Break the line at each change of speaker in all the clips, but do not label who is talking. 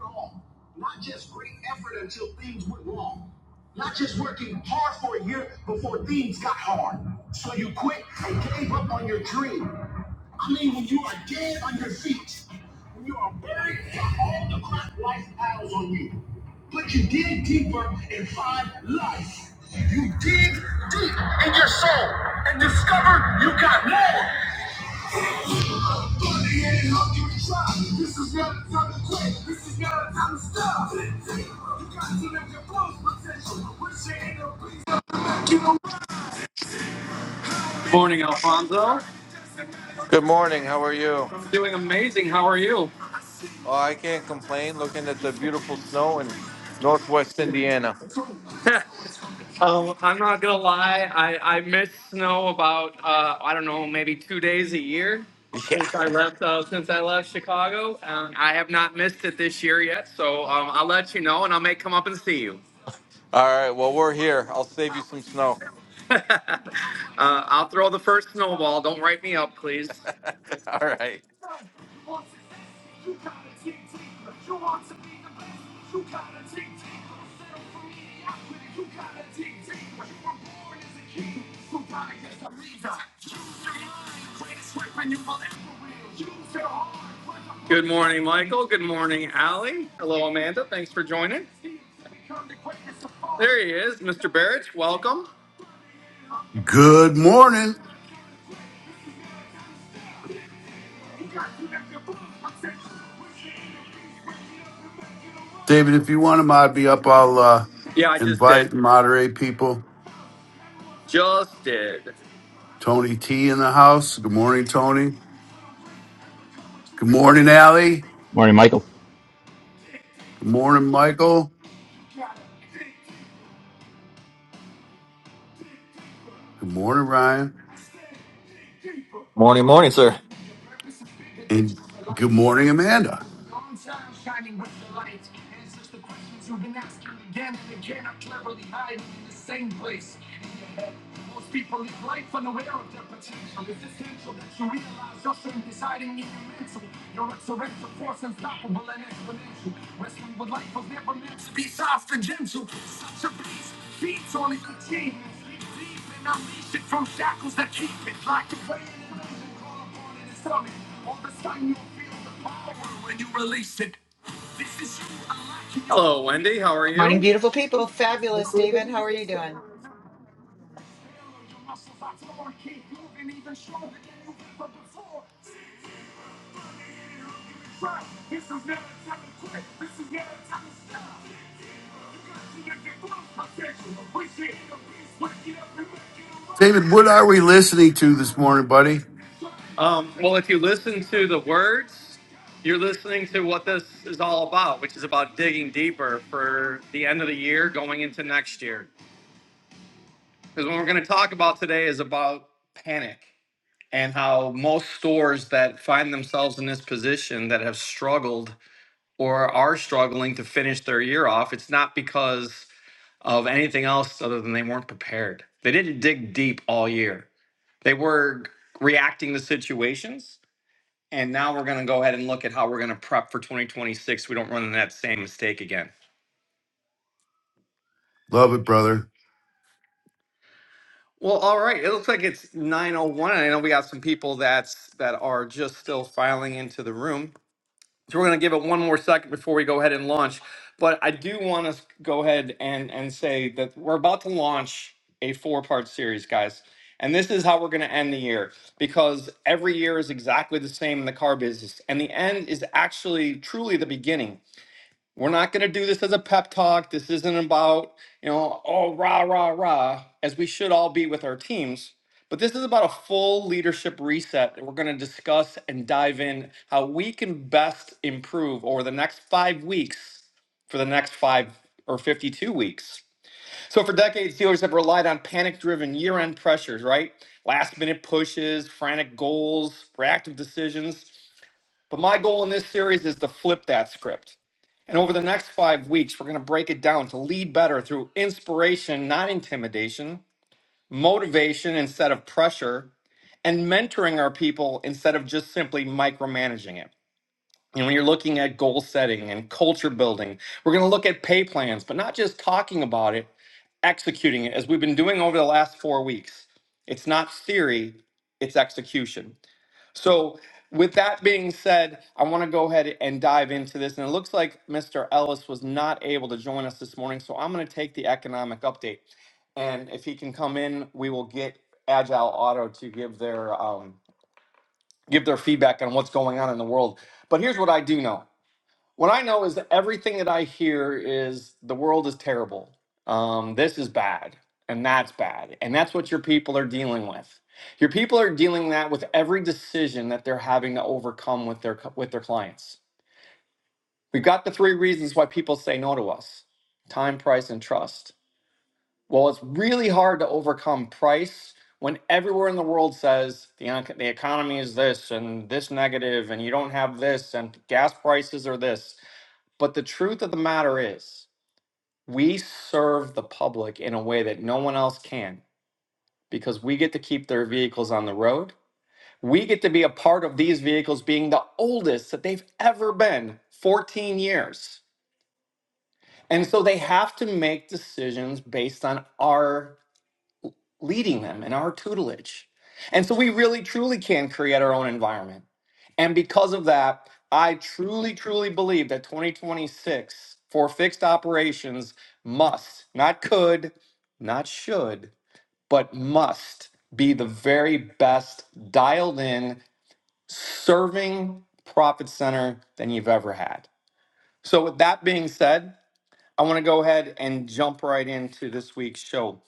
wrong. Not just great effort until things went wrong. Not just working hard for a year before things got hard. So you quit and gave up on your dream. I mean, when you are dead on your feet, when you are buried, got all the crap life piles on you. But you dig deeper and find life. You dig deep in your soul and discover you got more. Buddy This is not a time to quit. This is not a time to stop. You got to live your full potential. Morning, Alfonso.
Good morning. How are you?
I'm doing amazing. How are you?
Oh, I can't complain looking at the beautiful snow in northwest Indiana.
Um, I'm not gonna lie. I, I miss snow about uh, I don't know maybe two days a year
Yeah.
since I left uh, since I left Chicago. Um, I have not missed it this year yet, so um, I'll let you know and I may come up and see you.
All right. Well, we're here. I'll save you some snow.
uh, I'll throw the first snowball. Don't write me up, please.
All right.
You gotta dig deeper. You want to be the best. You gotta dig deeper. Settle for mediocrity. You gotta dig deeper. You were born as a king. So die as a leader. Use your mind. Greatest weapon you will ever wield. Use your heart. Good morning, Michael. Good morning, Allie. Hello, Amanda. Thanks for joining. There he is, Mr. Barrett. Welcome.
Good morning, David. If you want to mod me up, I'll uh,
Yeah, I just did.
invite and moderate people.
Just did.
Tony T in the house. Good morning, Tony. Good morning, Allie.
Morning, Michael.
Good morning, Michael. Good morning, Ryan.
Morning, morning, sir.
And good morning, Amanda.
Hello, Wendy. How are
Morning,
you?
beautiful people. Fabulous, David. How are you doing?
David, what are we listening to this morning, buddy?
Um, well, if you listen to the words, you're listening to what this is all about, which is about digging deeper for the end of the year going into next year. Because what we're going to talk about today is about panic and how most stores that find themselves in this position that have struggled or are struggling to finish their year off, it's not because of anything else other than they weren't prepared. They didn't dig deep all year. They were reacting to situations. And now we're going to go ahead and look at how we're going to prep for 2026. We don't run into that same mistake again.
Love it, brother.
Well, all right. It looks like it's 9:01. and I know we got some people that's that are just still filing into the room. So we're going to give it one more second before we go ahead and launch. But I do want to go ahead and, and say that we're about to launch a four part series, guys. And this is how we're going to end the year because every year is exactly the same in the car business. And the end is actually truly the beginning. We're not going to do this as a pep talk. This isn't about, you know, oh, rah, rah, rah, as we should all be with our teams. But this is about a full leadership reset. We're going to discuss and dive in how we can best improve over the next five weeks for the next five or 52 weeks. So, for decades, Steelers have relied on panic driven year end pressures, right? Last minute pushes, frantic goals, reactive decisions. But my goal in this series is to flip that script. And over the next five weeks, we're going to break it down to lead better through inspiration, not intimidation, motivation instead of pressure, and mentoring our people instead of just simply micromanaging it. And when you're looking at goal setting and culture building, we're going to look at pay plans, but not just talking about it, executing it as we've been doing over the last four weeks. It's not theory, it's execution. So, with that being said, I want to go ahead and dive into this. And it looks like Mr. Ellis was not able to join us this morning. So, I'm going to take the economic update. And if he can come in, we will get Agile Auto to give their um, give their feedback on what's going on in the world. But here's what I do know. What I know is that everything that I hear is the world is terrible. Um, this is bad, and that's bad, and that's what your people are dealing with. Your people are dealing that with every decision that they're having to overcome with their with their clients. We've got the three reasons why people say no to us: time, price, and trust. Well, it's really hard to overcome price when everywhere in the world says the ec- the economy is this and this negative, and you don't have this, and gas prices are this. But the truth of the matter is, we serve the public in a way that no one else can because we get to keep their vehicles on the road. We get to be a part of these vehicles being the oldest that they've ever been 14 years. And so they have to make decisions based on our leading them in our tutelage. And so we really truly can create our own environment. And because of that, I truly, truly believe that 2026 for fixed operations must, not could, not should, but must be the very best dialed in, serving profit center than you've ever had. So, with that being said, I want to go ahead and jump right into this week's show.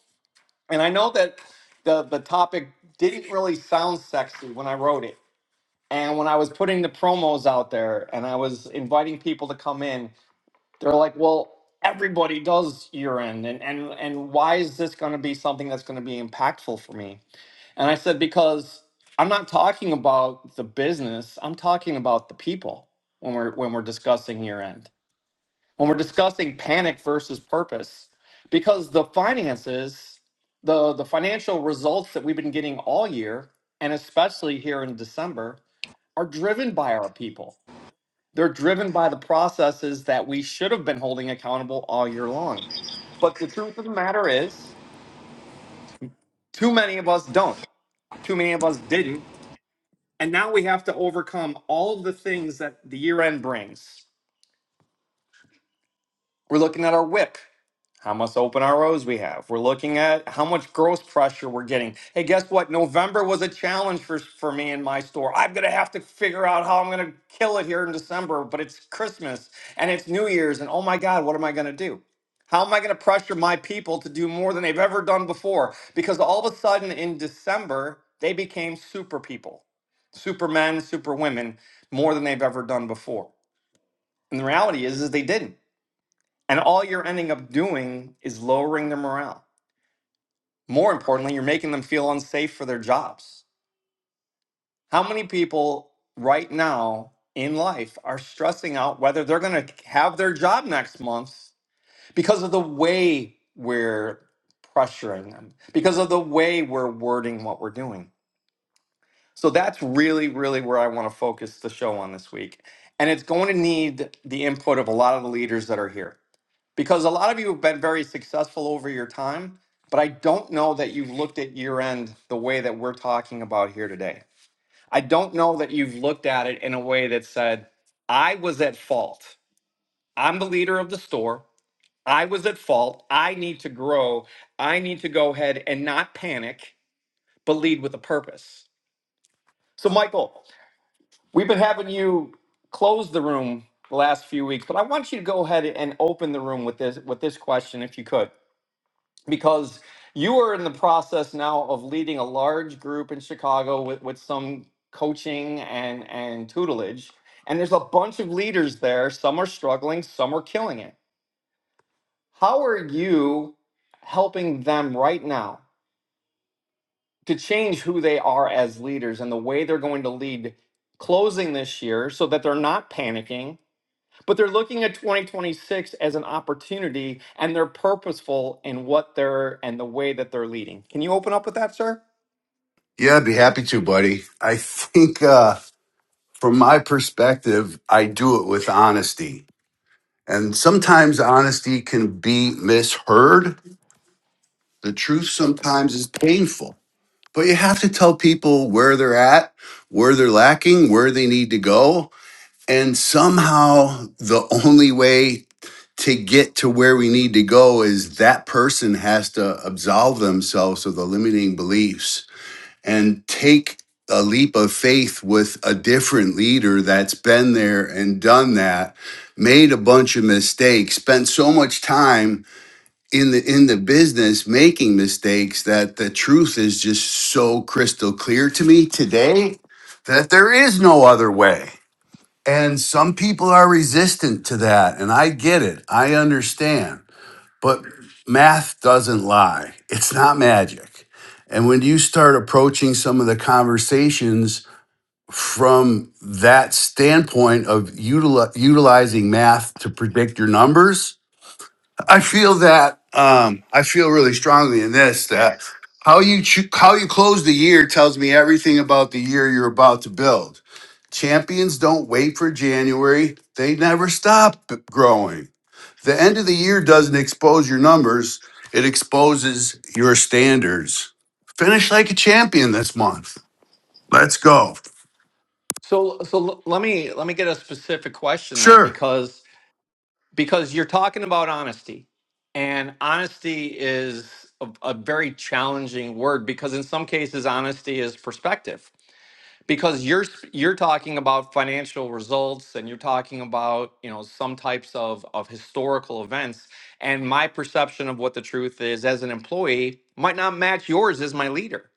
And I know that the the topic didn't really sound sexy when I wrote it. And when I was putting the promos out there and I was inviting people to come in, they're like, "Well, everybody does year end and and and why is this going to be something that's going to be impactful for me?" And I said because I'm not talking about the business, I'm talking about the people when we're when we're discussing year end when we're discussing panic versus purpose because the finances the the financial results that we've been getting all year and especially here in december are driven by our people they're driven by the processes that we should have been holding accountable all year long but the truth of the matter is too many of us don't too many of us didn't and now we have to overcome all of the things that the year end brings we're looking at our whip how much open ROs we have. We're looking at how much gross pressure we're getting. Hey, guess what? November was a challenge for, for me in my store. I'm going to have to figure out how I'm going to kill it here in December, but it's Christmas and it's New Year's, and oh my God, what am I going to do? How am I going to pressure my people to do more than they've ever done before? Because all of a sudden in December, they became super people, super men, super women, more than they've ever done before. And the reality is, is they didn't. And all you're ending up doing is lowering their morale. More importantly, you're making them feel unsafe for their jobs. How many people right now in life are stressing out whether they're going to have their job next month because of the way we're pressuring them, because of the way we're wording what we're doing? So that's really, really where I want to focus the show on this week. And it's going to need the input of a lot of the leaders that are here. because a lot of you have been very successful over your time, but I don't know that you've looked at year end the way that we're talking about here today. I don't know that you've looked at it in a way that said, I was at fault. I'm the leader of the store. I was at fault. I need to grow. I need to go ahead and not panic, but lead with a purpose. So, Michael, we've been having you close the room the last few weeks, but I want you to go ahead and open the room with this with this question if you could. because you are in the process now of leading a large group in Chicago with, with some coaching and, and tutelage. And there's a bunch of leaders there. Some are struggling, some are killing it. How are you helping them right now to change who they are as leaders and the way they're going to lead closing this year so that they're not panicking? but they're looking at 2026 as an opportunity and they're purposeful in what they're and the way that they're leading. Can you open up with that, sir?
Yeah, I'd be happy to, buddy. I think uh, from my perspective, I do it with honesty. And sometimes honesty can be misheard The truth sometimes is painful, but you have to tell people where they're at, where they're lacking, where they need to go. And somehow, the only way to get to where we need to go is that person has to absolve themselves of the limiting beliefs and take a leap of faith with a different leader that's been there and done that, made a bunch of mistakes, spent so much time in the in the business making mistakes that the truth is just so crystal clear to me today that there is no other way and some people are resistant to that and i get it i understand but math doesn't lie it's not magic and when you start approaching some of the conversations from that standpoint of utili- utilizing math to predict your numbers I feel that um, I feel really strongly in this that how you cho- how you close the year tells me everything about the year you're about to build. Champions don't wait for January; they never stop b- growing. The end of the year doesn't expose your numbers; it exposes your standards. Finish like a champion this month. Let's go.
So so l- let me let me get a specific question then
Sure.
because because you're talking about honesty and honesty is a, a very challenging word because in some cases honesty is perspective because you're you're talking about financial results and you're talking about you know some types of of historical events and my perception of what the truth is as an employee might not match yours as my leader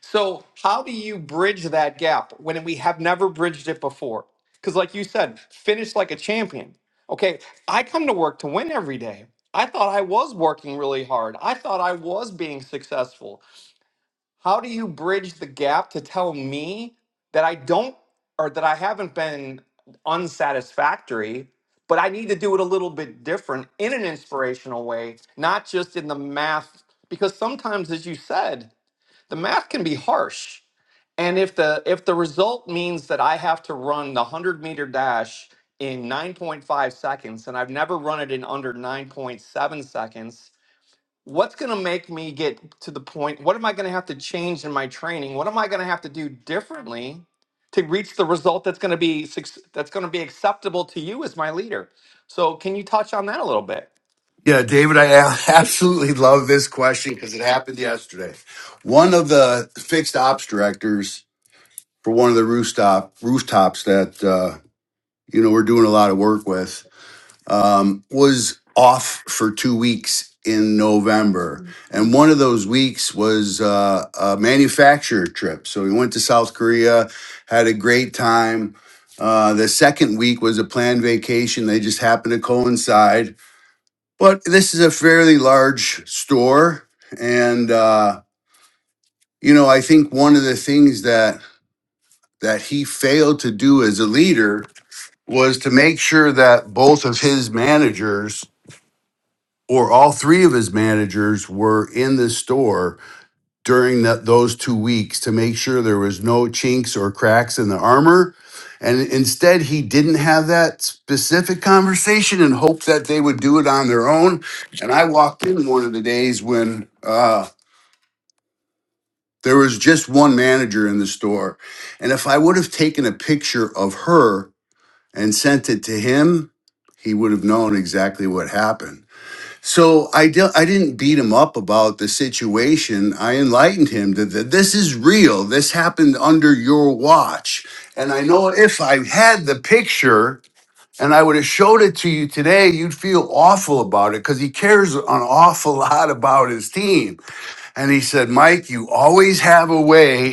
so how do you bridge that gap when we have never bridged it before because like you said finish like a champion okay i come to work to win every day i thought i was working really hard i thought i was being successful how do you bridge the gap to tell me that I don't or that I haven't been unsatisfactory, but I need to do it a little bit different in an inspirational way, not just in the math because sometimes as you said, the math can be harsh. And if the if the result means that I have to run the 100 meter dash in 9.5 seconds and I've never run it in under 9.7 seconds, what's going to make me get to the point what am i going to have to change in my training what am i going to have to do differently to reach the result that's going to be suc- that's going to be acceptable to you as my leader so can you touch on that a little bit
Yeah, David, I a- absolutely love this question because it happened yesterday. One of the fixed ops directors for one of the rooftop rooftops that uh, you know we're doing a lot of work with um, was off for two weeks in November, and one of those weeks was uh, a manufacturer trip. So we went to South Korea, had a great time. Uh, the second week was a planned vacation. They just happened to coincide. But this is a fairly large store, and uh, you know I think one of the things that that he failed to do as a leader was to make sure that both of his managers or all three of his managers were in the store during that those two weeks to make sure there was no chinks or cracks in the armor. And instead, he didn't have that specific conversation and hoped that they would do it on their own. And I walked in one of the days when uh, there was just one manager in the store. And if I would have taken a picture of her and sent it to him, he would have known exactly what happened. So I, di- I didn't beat him up about the situation. I enlightened him that that this is real. This happened under your watch. And I know if I had the picture and I would have showed it to you today, you'd feel awful about it because he cares an awful lot about his team. And he said, Mike, you always have a way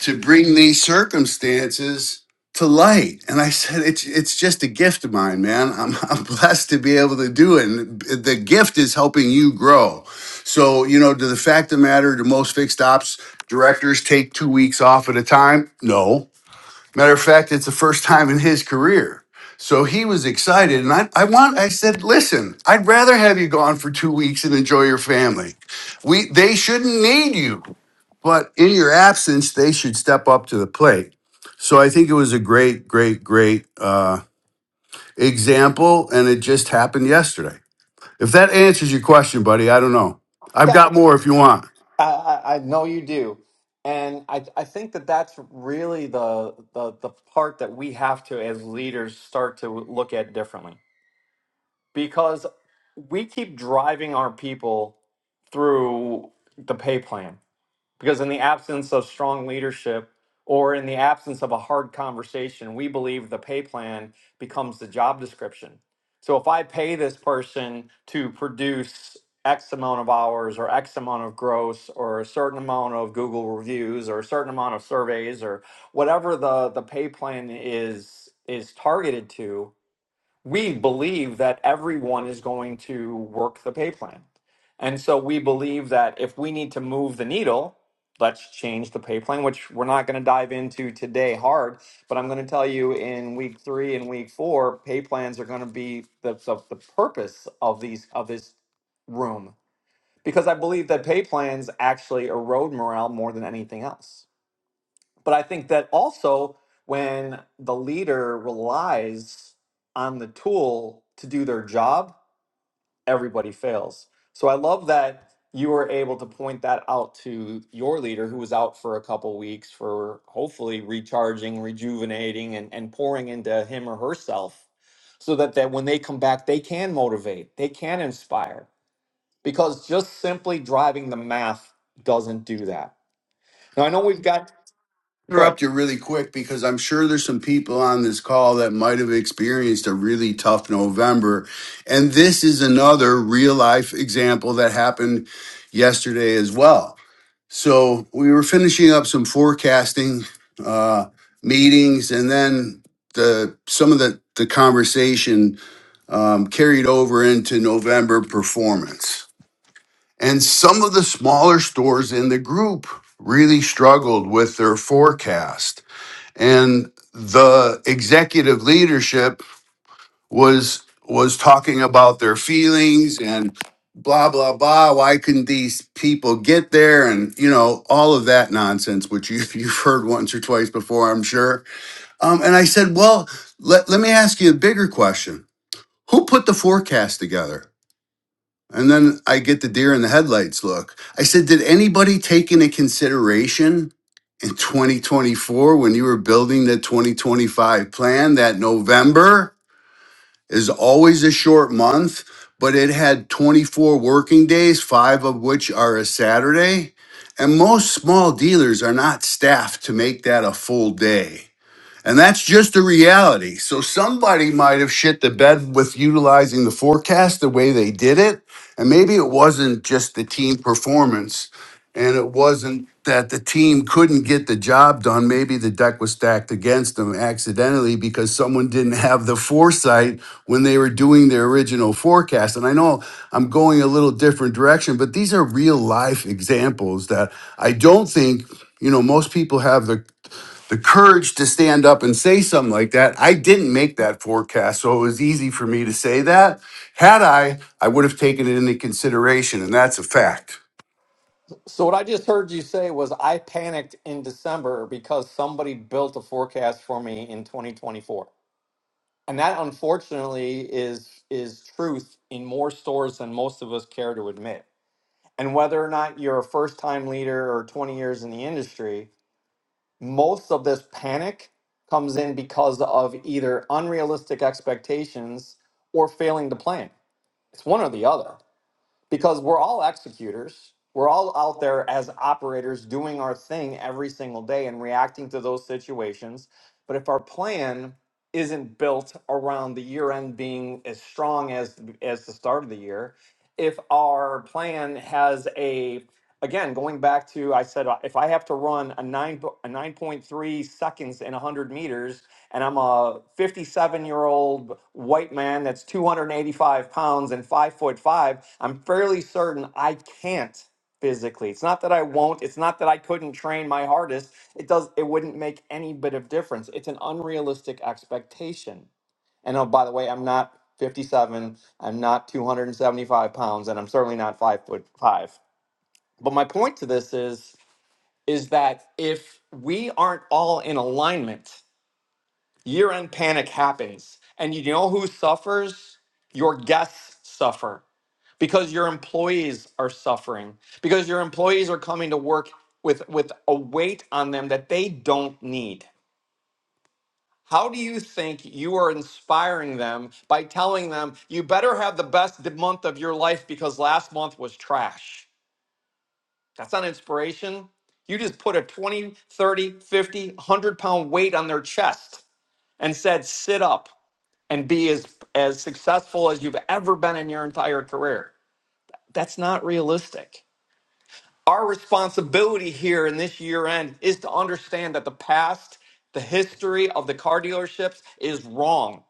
to bring these circumstances to light. And I said, it's it's just a gift of mine, man. I'm, I'm blessed to be able to do it. And the gift is helping you grow. So, you know, to the fact of the matter, do most fixed ops directors take two weeks off at a time? No. Matter of fact, it's the first time in his career. So he was excited. And I, I want, I said, listen, I'd rather have you gone for two weeks and enjoy your family. We they shouldn't need you. But in your absence, they should step up to the plate. So I think it was a great, great, great uh, example, and it just happened yesterday. If that answers your question, buddy, I don't know. I've
Yeah,
got
okay.
more if you want.
I, I I know you do, and I I think that that's really the the the part that we have to as leaders start to look at differently because we keep driving our people through the pay plan Because in the absence of strong leadership or in the absence of a hard conversation, we believe the pay plan becomes the job description. So if I pay this person to produce X amount of hours or X amount of gross or a certain amount of Google reviews or a certain amount of surveys or whatever the, the pay plan is is targeted to, we believe that everyone is going to work the pay plan. And so we believe that if we need to move the needle, let's change the pay plan, which we're not going to dive into today hard. But I'm going to tell you in week three and week four, pay plans are going to be the, the, the purpose of these of this room because I believe that pay plans actually erode morale more than anything else but I think that also when the leader relies on the tool to do their job, everybody fails. So I love that you were able to point that out to your leader who was out for a couple weeks for hopefully recharging, rejuvenating, and, and pouring into him or herself so that, that when they come back, they can motivate, they can inspire. Because just simply driving the math doesn't do that. Now I know we've got go ahead.
Interrupt you really quick because I'm sure there's some people on this call that might have experienced a really tough November. And this is another real life example that happened yesterday as well. So we were finishing up some forecasting uh, meetings, and then the some of the the conversation um, carried over into November performance, and some of the smaller stores in the group really struggled with their forecast, and the executive leadership was was talking about their feelings and blah blah blah why couldn't these people get there and you know all of that nonsense which you, you've heard once or twice before i'm sure um, and i said well let, let me ask you a bigger question who put the forecast together and then i get the deer in the headlights look i said did anybody take into consideration in 2024 when you were building the 2025 plan that november is always a short month, but it had 24 working days, five of which are a Saturday. And most small dealers are not staffed to make that a full day. And that's just the reality. So somebody might have shit the bed with utilizing the forecast the way they did it. And maybe it wasn't just the team performance and it wasn't that the team couldn't get the job done. Maybe the deck was stacked against them accidentally because someone didn't have the foresight when they were doing their original forecast. And I know I'm going a little different direction, but these are real life examples that I don't think, you know, most people have the the courage to stand up and say something like that. I didn't make that forecast, so it was easy for me to say that. Had I, I would have taken it into consideration, and that's a fact.
So what I just heard you say was I panicked in December because somebody built a forecast for me in 2024. And that unfortunately is is truth in more stores than most of us care to admit. And whether or not you're a first-time leader or 20 years in the industry, most of this panic comes in because of either unrealistic expectations or failing to plan. It's one or the other because we're all executors. We're all out there as operators doing our thing every single day and reacting to those situations. But if our plan isn't built around the year end being as strong as as the start of the year, if our plan has a again going back to I said uh, if I have to run a nine po- a nine point three seconds in one hundred meters and I'm a 57 year old white man that's 285 pounds and five foot five, I'm fairly certain I can't physically. It's not that I won't. It's not that I couldn't train my hardest. It does. It wouldn't make any bit of difference. It's an unrealistic expectation. And oh, by the way, I'm not 57. I'm not 275 pounds, and I'm certainly not five foot five. But my point to this is is that if we aren't all in alignment year end panic happens. And you know who suffers? Your guests suffer because your employees are suffering, because your employees are coming to work with, with a weight on them that they don't need. How do you think you are inspiring them by telling them you better have the best month of your life because last month was trash? That's not inspiration. You just put a 20, 30, 50, 100 pound weight on their chest and said, sit up. and be as as successful as you've ever been in your entire career. That's not realistic. Our responsibility here in this year end is to understand that the past, the history of the car dealerships is wrong.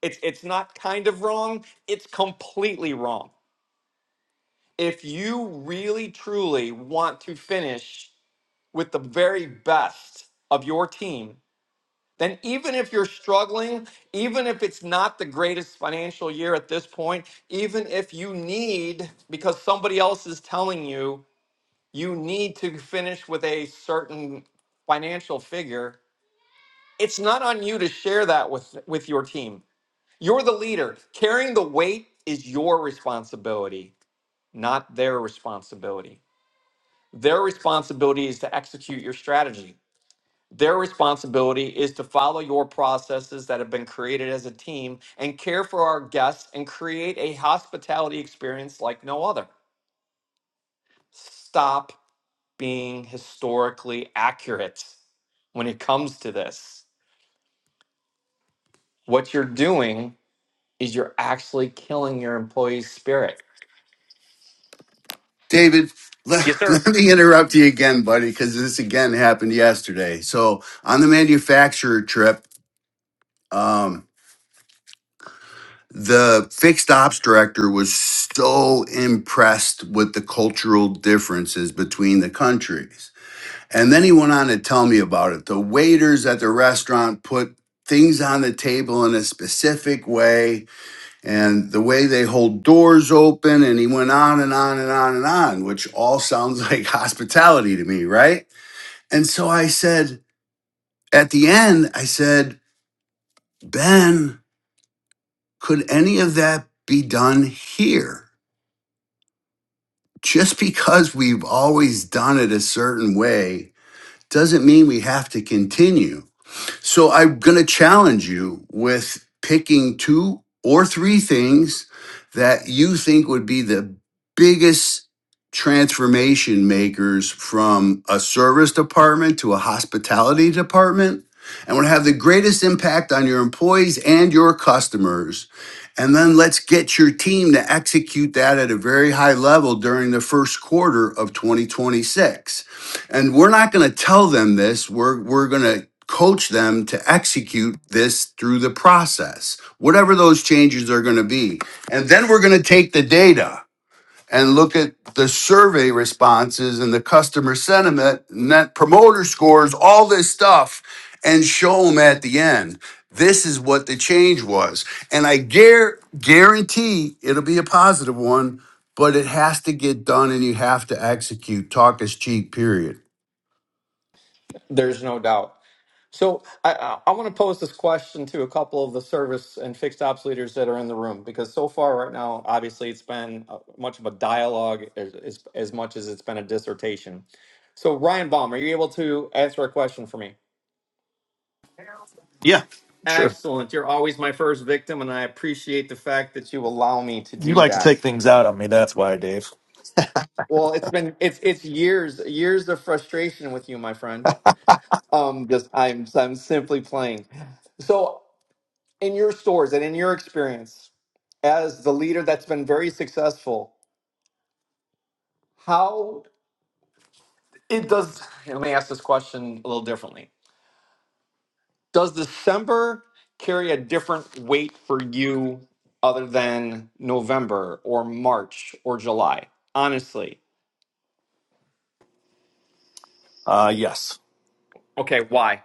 It's it's not kind of wrong, it's completely wrong. If you really truly want to finish with the very best of your team, then even if you're struggling, even if it's not the greatest financial year at this point, even if you need, because somebody else is telling you, you need to finish with a certain financial figure, it's not on you to share that with, with your team. You're the leader. Carrying the weight is your responsibility, not their responsibility. Their responsibility is to execute your strategy. Their responsibility is to follow your processes that have been created as a team and care for our guests and create a hospitality experience like no other. Stop being historically accurate when it comes to this. What you're doing is you're actually killing your employees' spirit.
David, let,
Yes, sir.
let me interrupt you again, buddy, because this again happened yesterday. So on the manufacturer trip, um, the fixed ops director was so impressed with the cultural differences between the countries And then he went on to tell me about it. The waiters at the restaurant put things on the table in a specific way and the way they hold doors open. And he went on and on and on and on, which all sounds like hospitality to me, right? And so I said, at the end, I said, Ben, could any of that be done here? Just because we've always done it a certain way doesn't mean we have to continue So I'm going to challenge you with picking two or three things that you think would be the biggest transformation makers from a service department to a hospitality department and would have the greatest impact on your employees and your customers. And then let's get your team to execute that at a very high level during the first quarter of 2026 and we're not going to tell them this. We're we're going to coach them to execute this through the process. Whatever those changes are going to be. And then we're going to take the data and look at the survey responses and the customer sentiment, net promoter scores, all this stuff and show them at the end. This is what the change was. And I guar guarantee it'll be a positive one, but it has to get done and you have to execute. Talk is cheap, period.
There's no doubt. So I, I, I want to pose this question to a couple of the service and fixed ops leaders that are in the room because so far right now, obviously, it's been uh, much of a dialogue as, as, as much as it's been a dissertation. So Ryan Baum, are you able to answer a question for me?
Yeah, Sure.
Excellent. You're always my first victim, and I appreciate the fact that you allow me to
You
do
like to take
that.
things out on me. That's why, Dave.
Well, it's been it's it's years years of frustration with you, my friend. Um, just I'm I'm simply playing. So in your stores and in your experience as the leader that's been very successful, how it does, let me ask this question a little differently. Does December carry a different weight for you other than November or March or July? Honestly.
Uh, yes,
Okay, why?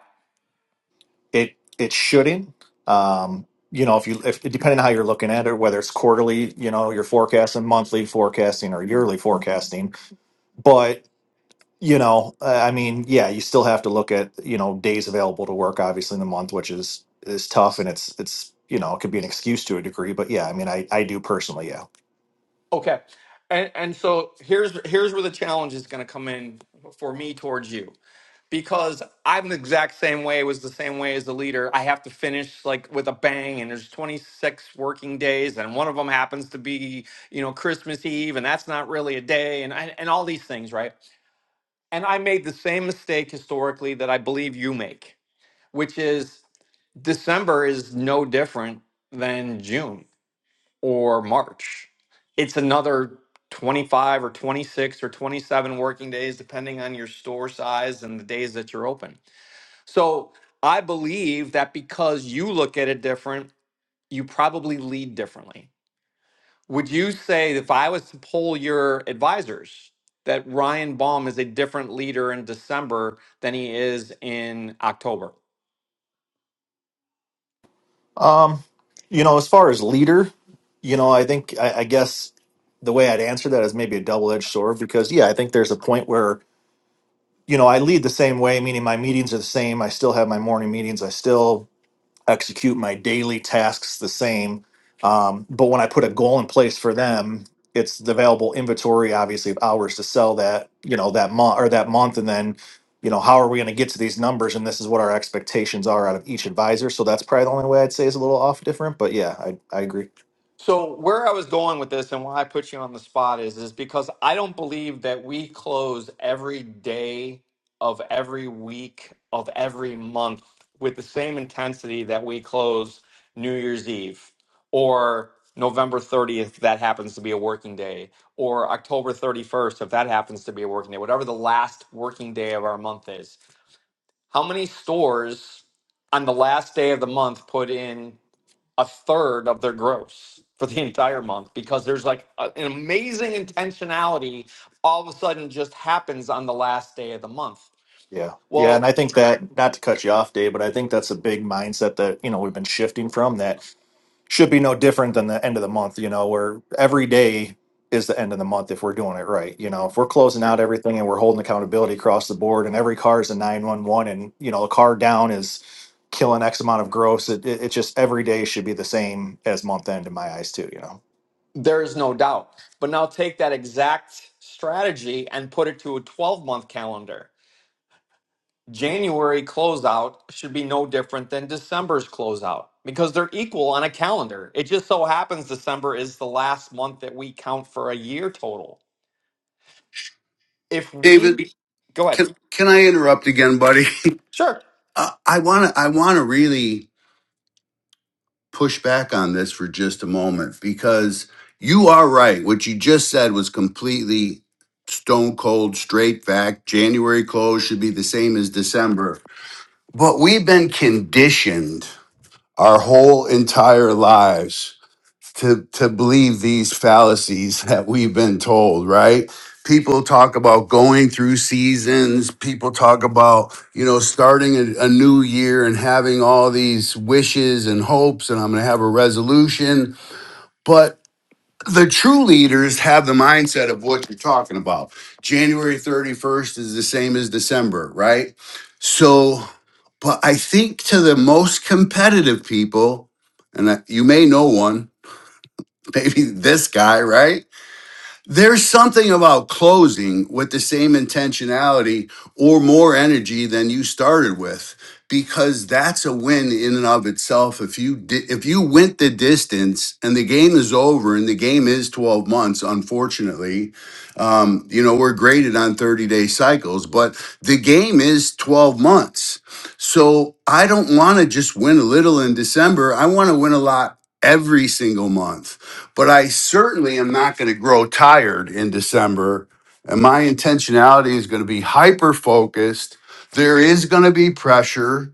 it it shouldn't. Um, you know, if you if depending on how you're looking at it, whether it's quarterly, you know, you're forecasting monthly forecasting or yearly forecasting. But you know, uh, I mean, yeah, you still have to look at you know days available to work, obviously in the month, which is is tough, and it's it's you know it could be an excuse to a degree. But yeah, I mean, I I do personally, yeah.
Okay. And and so here's here's where the challenge is going to come in for me towards you. Because I'm the exact same way, was the same way as the leader. I have to finish like with a bang, and there's 26 working days, and one of them happens to be, you know, Christmas Eve, and that's not really a day, and and, and all these things, right? And I made the same mistake historically that I believe you make, which is December is no different than June or March. It's another 25 or 26 or 27 working days, depending on your store size and the days that you're open. So I believe that because you look at it different, you probably lead differently. Would you say, if I was to poll your advisors, that Ryan Baum is a different leader in December than he is in October?
Um, you know, as far as leader, you know, I think I, I guess the way I'd answer that is maybe a double-edged sword because yeah, I think there's a point where you know I lead the same way, meaning my meetings are the same. I still have my morning meetings. I still execute my daily tasks the same. Um, but when I put a goal in place for them, it's the available inventory, obviously, of hours to sell that, you know, that month or that month. And then, you know, how are we going to get to these numbers? And this is what our expectations are out of each advisor. So that's probably the only way I'd say is a little off different. But yeah, I, I agree.
So where I was going with this and why I put you on the spot is is because I don't believe that we close every day of every week of every month with the same intensity that we close New Year's Eve or November 30th if that happens to be a working day or October 31st if that happens to be a working day whatever the last working day of our month is. How many stores on the last day of the month put in a third of their gross for the entire month because there's like a- an amazing intentionality all of a sudden just happens on the last day of the month.
Yeah. Yeah. And I
Well,
think that, not to cut you off, Dave, but I think that's a big mindset that, you know, we've been shifting from that should be no different than the end of the month, you know, where every day is the end of the month if we're doing it right. You know, if we're closing out everything and we're holding accountability across the board and every car is a 911 and, you know, a car down is killing X amount of gross, it, it, it just every day should be the same as month end in my eyes, too, you know.
there is no doubt. But now take that exact strategy and put it to a 12 month calendar. January closeout should be no different than December's closeout because they're equal on a calendar. It just so happens December is the last month that we count for a year total. If we
David,
go ahead,
can can I interrupt again, buddy?
sure.
Uh, I want to I want to really push back on this for just a moment because you are right. What you just said was completely stone cold straight fact. January close should be the same as December. But we've been conditioned our whole entire lives to to believe these fallacies that we've been told, right? People talk about going through seasons. People talk about, you know, starting a, a new year and having all these wishes and hopes, and I'm going to have a resolution. But the true leaders have the mindset of what you're talking about. January 31st is the same as December, right? So, but I think to the most competitive people, and I- you may know one, maybe this guy, right? There's something about closing with the same intentionality or more energy than you started with because that's a win in and of itself if you di- if you went the distance and the game is over and the game is 12 months unfortunately um, you know, we're graded on 30 day cycles, but the game is 12 months. So I don't want to just win a little in December. I want to win a lot every single month, but I certainly am not going to grow tired in December. And my intentionality is going to be hyper focused. There is going to be pressure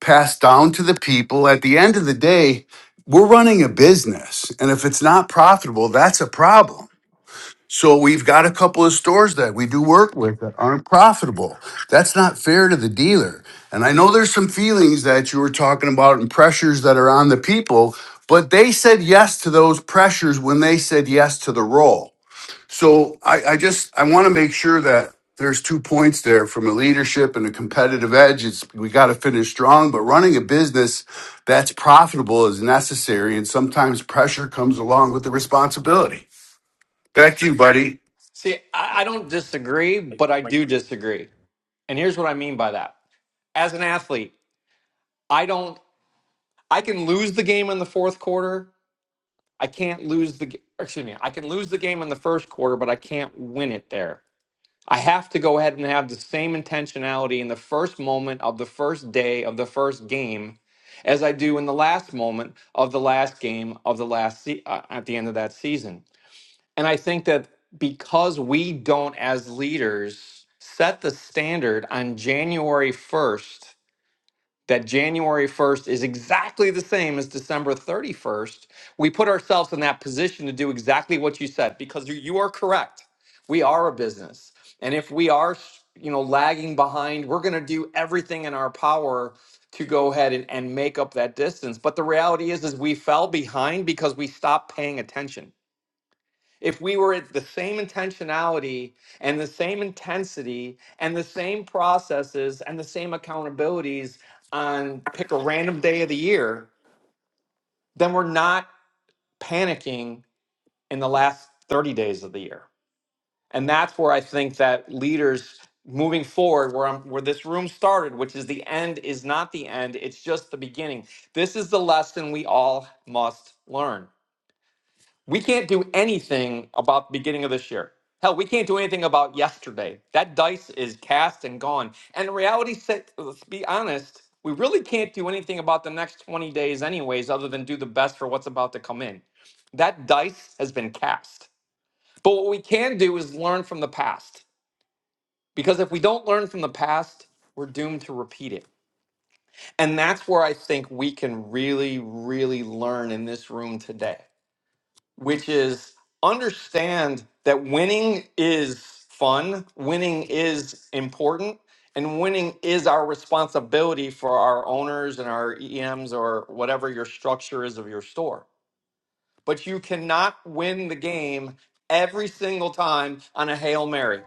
passed down to the people. At the end of the day, we're running a business. And if it's not profitable, that's a problem. So we've got a couple of stores that we do work with that aren't profitable. That's not fair to the dealer. And I know there's some feelings that you were talking about and pressures that are on the people, but they said yes to those pressures when they said yes to the role. So I, I just I want to make sure that there's two points there from a leadership and a competitive edge. It's we got to finish strong, but running a business that's profitable is necessary, and sometimes pressure comes along with the responsibility. Back to you, buddy.
See, I, I don't disagree, but I
Right.
do disagree. And here's what I mean by that. As an athlete, I don't I can lose the game in the fourth quarter. I can't lose the g- excuse me, I can lose the game in the first quarter, but I can't win it there. I have to go ahead and have the same intentionality in the first moment of the first day of the first game as I do in the last moment of the last game of the last se- uh, at the end of that season. And I think that because we don't, as leaders, set the standard on January 1st, that January 1st is exactly the same as December 31st, we put ourselves in that position to do exactly what you said because you you are correct. We are a business. And if we are, you know, lagging behind, we're going to do everything in our power to go ahead and, and make up that distance. But the reality is is we fell behind because we stopped paying attention if we were at the same intentionality and the same intensity and the same processes and the same accountabilities on pick a random day of the year, then we're not panicking in the last 30 days of the year. And that's where I think that leaders moving forward where I'm where this room started, which is the end is not the end, it's just the beginning. This is the lesson we all must learn. We can't do anything about the beginning of this year. Hell, we can't do anything about yesterday. That dice is cast and gone. And the reality set, let's be honest, we really can't do anything about the next 20 days, anyways, other than do the best for what's about to come in. That dice has been cast. But what we can do is learn from the past. Because if we don't learn from the past, we're doomed to repeat it. And that's where I think we can really, really learn in this room today which is understand that winning is fun, winning is important, and winning is our responsibility for our owners and our EMs or whatever your structure is of your store. But you cannot win the game every single time on a Hail Mary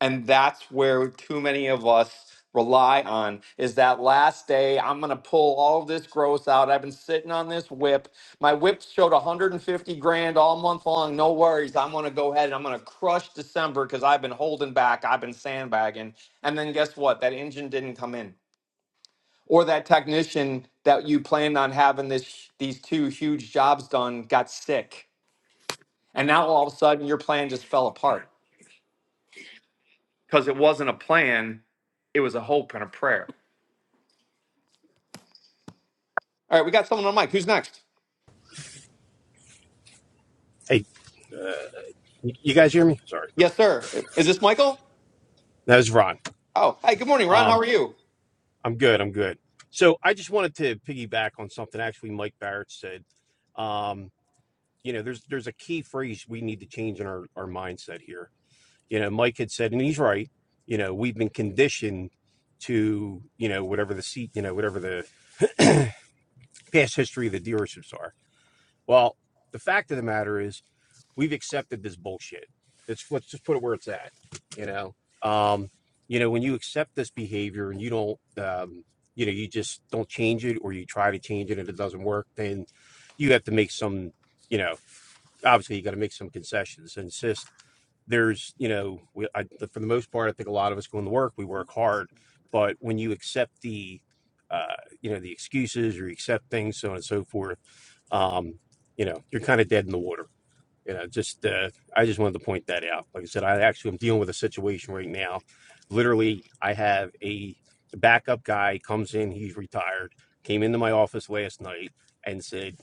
and that's where too many of us rely on is that last day i'm going to pull all this gross out i've been sitting on this whip my whip showed 150 grand all month long no worries i'm going to go ahead and i'm going to crush december because i've been holding back i've been sandbagging and then guess what that engine didn't come in or that technician that you planned on having this these two huge jobs done got sick and now all of a sudden your plan just fell apart because it wasn't a plan, it was a hope and a prayer. All right, we got someone on mic. Who's next?
Hey, you guys hear me? Sorry.
Yes, sir. Is this Michael?
That was Ron.
Oh, hey, good morning, Ron. How
Um,
are you?
I'm good. I'm good. So I just wanted to piggyback on something actually Mike Barrett said. Um, you know, there's there's a key phrase we need to change in our, our mindset here. You know, Mike had said, and he's right, you know, we've been conditioned to, you know, whatever the seat, you know, whatever the past history of the dealerships are. Well, the fact of the matter is we've accepted this bullshit. Let's let's just put it where it's at. You know, um, you know, when you accept this behavior and you don't, um, you know, you just don't change it or you try to change it and it doesn't work, then you have to make some, you know, obviously you got to make some concessions and insist. There's, you know, we, I, for the most part, I think a lot of us go into work, we work hard, but when you accept the, uh, you know, the excuses or you accept things, so on and so forth, um, you know, you're kind of dead in the water you know just uh, i just wanted to point that out like i said i actually am dealing with a situation right now literally i have a backup guy comes in he's retired came into my office last night and said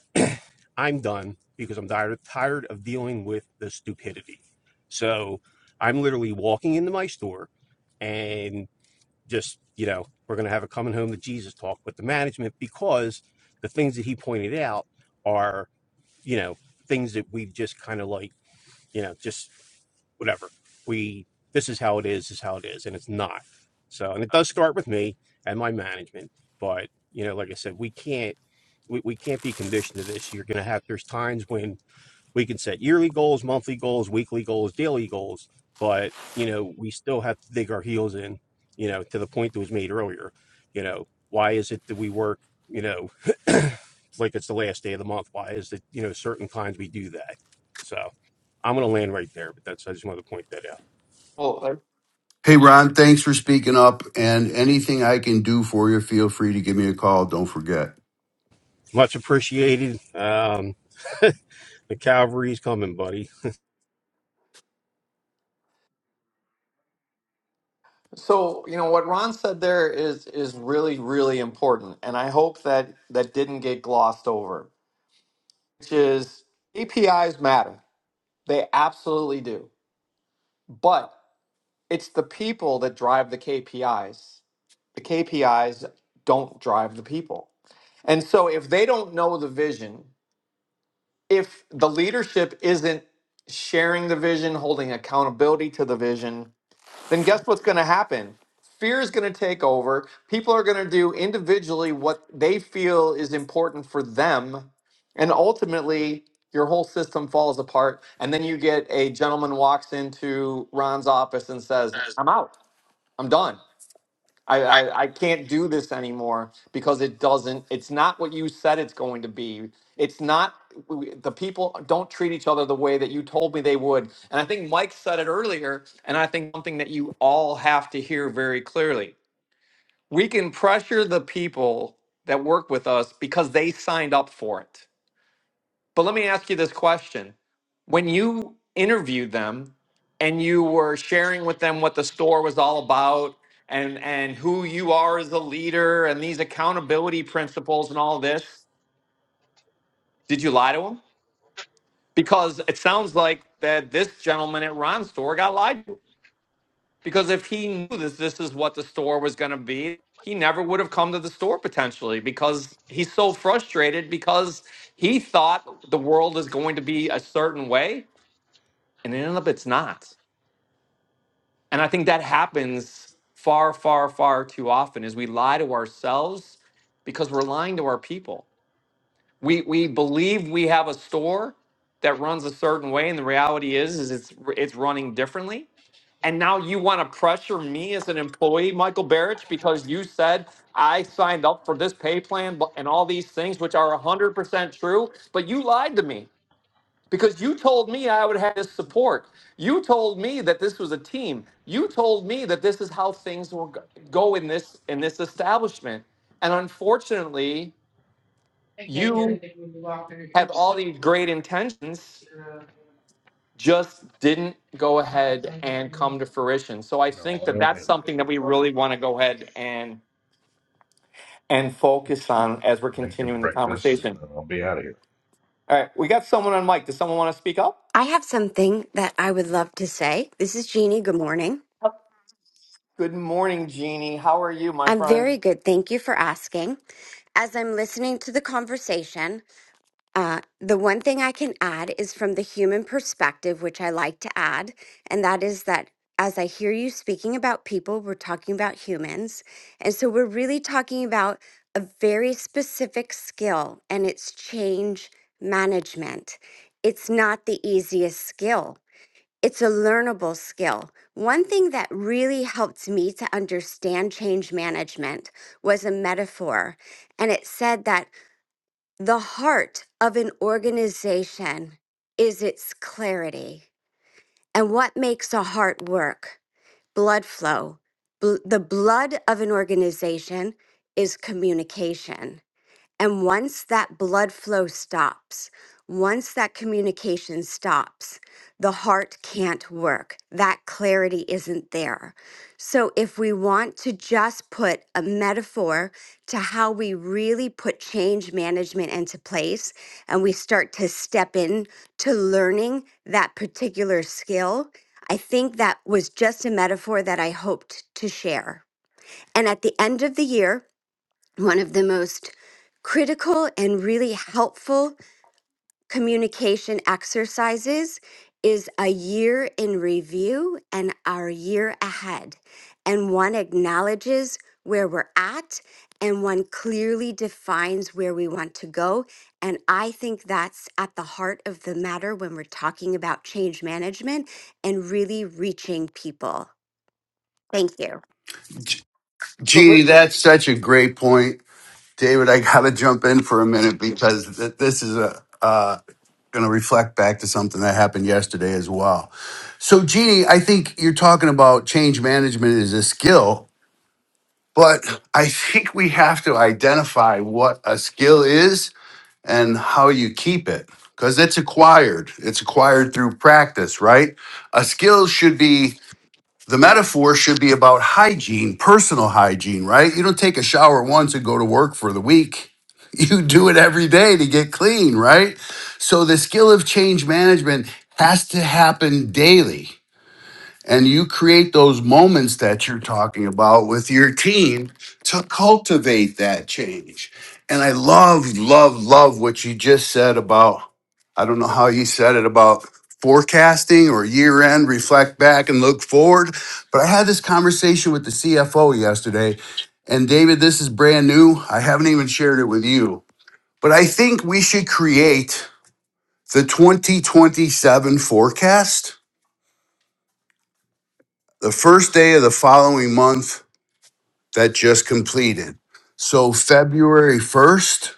i'm done because i'm tired, tired of dealing with the stupidity so i'm literally walking into my store and just you know we're going to have a coming home to jesus talk with the management because the things that he pointed out are you know things that we've just kind of like you know, just whatever. We this is how it is, is how it is, and it's not. So, and it does start with me and my management, but you know, like I said, we can't we, we can't be conditioned to this. You're gonna have there's times when we can set yearly goals, monthly goals, weekly goals, daily goals, but you know, we still have to dig our heels in, you know, to the point that was made earlier. You know, why is it that we work, you know, like it's the last day of the month? Why is it, you know, certain times we do that? So I'm going to land right there, but that's, I just wanted to point that out.
Well, uh,
Hey, Ron, thanks for speaking up. And anything I can do for you, feel free to give me a call. Don't forget.
Much appreciated. Um, the cavalry's coming, buddy.
so you know what Ron said there is is really really important, and I hope that that didn't get glossed over. Which is KPIs matter; they absolutely do. But it's the people that drive the KPIs. The KPIs don't drive the people, and so if they don't know the vision if the leadership isn't sharing the vision, holding accountability to the vision, then guess what's going to happen? Fear is going to take over. People are going to do individually what they feel is important for them. And ultimately, your whole system falls apart. And then you get a gentleman walks into Ron's office and says, I'm out. I'm done. I, I I can't do this anymore because it doesn't. It's not what you said it's going to be. It's not w- the people don't treat each other the way that you told me they would. And I think Mike said it earlier, and I think something that you all have to hear very clearly. We can pressure the people that work with us because they signed up for it. But let me ask you this question when you interviewed them and you were sharing with them what the store was all about and and who you are as a leader and these accountability principles and all this did you lie to them because it sounds like that this gentleman at ron's store got lied to because if he knew this this is what the store was going to be he never would have come to the store potentially because he's so frustrated because he thought the world is going to be a certain way and ended up it's not And I think that happens far, far, far too often is we lie to ourselves because we're lying to our people. We we believe we have a store that runs a certain way, and the reality is is it's it's running differently. And now you want to pressure me as an employee, Michael Barrich, because you said I signed up for this pay plan bu- and all these things, which are 100% true, but you lied to me. Because you told me I would have this support. You told me that this was a team. You told me that this is how things will go go in this in this establishment. And unfortunately,
I can't hear
you
anything when you walk in here,
have all
so
these great intentions,
you're uh,
just didn't go
not
ahead
playing
and
you
come to fruition. So I
No,
think
I
that
don't
that's
have those
something that we
shoes on.
really want to go ahead and and focus on as we're
I'm making
continuing the
breakfast and
conversation.
then I'll be out of here.
All right, we got someone on mic. Does someone want to speak up?
I have something that I would love to say. This is Jeannie. Good morning.
Good morning, Jeannie. How are you, my
I'm
friend?
very good. Thank you for asking. As I'm listening to the conversation, uh, the one thing I can add is from the human perspective, which I like to add, and that is that as I hear you speaking about people, we're talking about humans. And so we're really talking about a very specific skill, and it's change management. It's not the easiest skill it's a learnable skill. One thing that really helped me to understand change management was a metaphor, and it said that the heart of an organization is its clarity. And what makes a heart work? Blood flow. Bl- the blood of an organization is communication. And once that blood flow stops, once that communication stops, the heart can't work. That clarity isn't there. So, if we want to just put a metaphor to how we really put change management into place and we start to step in to learning that particular skill, I think that was just a metaphor that I hoped to share. And at the end of the year, one of the most critical and really helpful communication exercises is a year in review and our year ahead. And one acknowledges where we're at and one clearly defines where we want to go. And I think that's at the heart of the matter when we're talking about change management and really reaching people. Thank you.
G-
So,
Jeannie, that's such a great point. David, I got to jump in for a minute because th- this is a. Uh, going to reflect back to something that happened yesterday as well. So, Jeannie, I think you're talking about change management is a skill, but I think we have to identify what a skill is and how you keep it because it's acquired. It's acquired through practice, right? A skill should be the metaphor should be about hygiene, personal hygiene, right? You don't take a shower once and go to work for the week. You do it every day to get clean, right? So the skill of change management has to happen daily and you create those moments that you're talking about with your team to cultivate that change. And I love, love, love what you just said about, I don't know how you said it about forecasting or year end, reflect back and look forward. But I had this conversation with the CFO yesterday. And David, this is brand new. I haven't even shared it with you. But I think we should create the 2027 forecast the first day of the following month that just completed. So February 1st,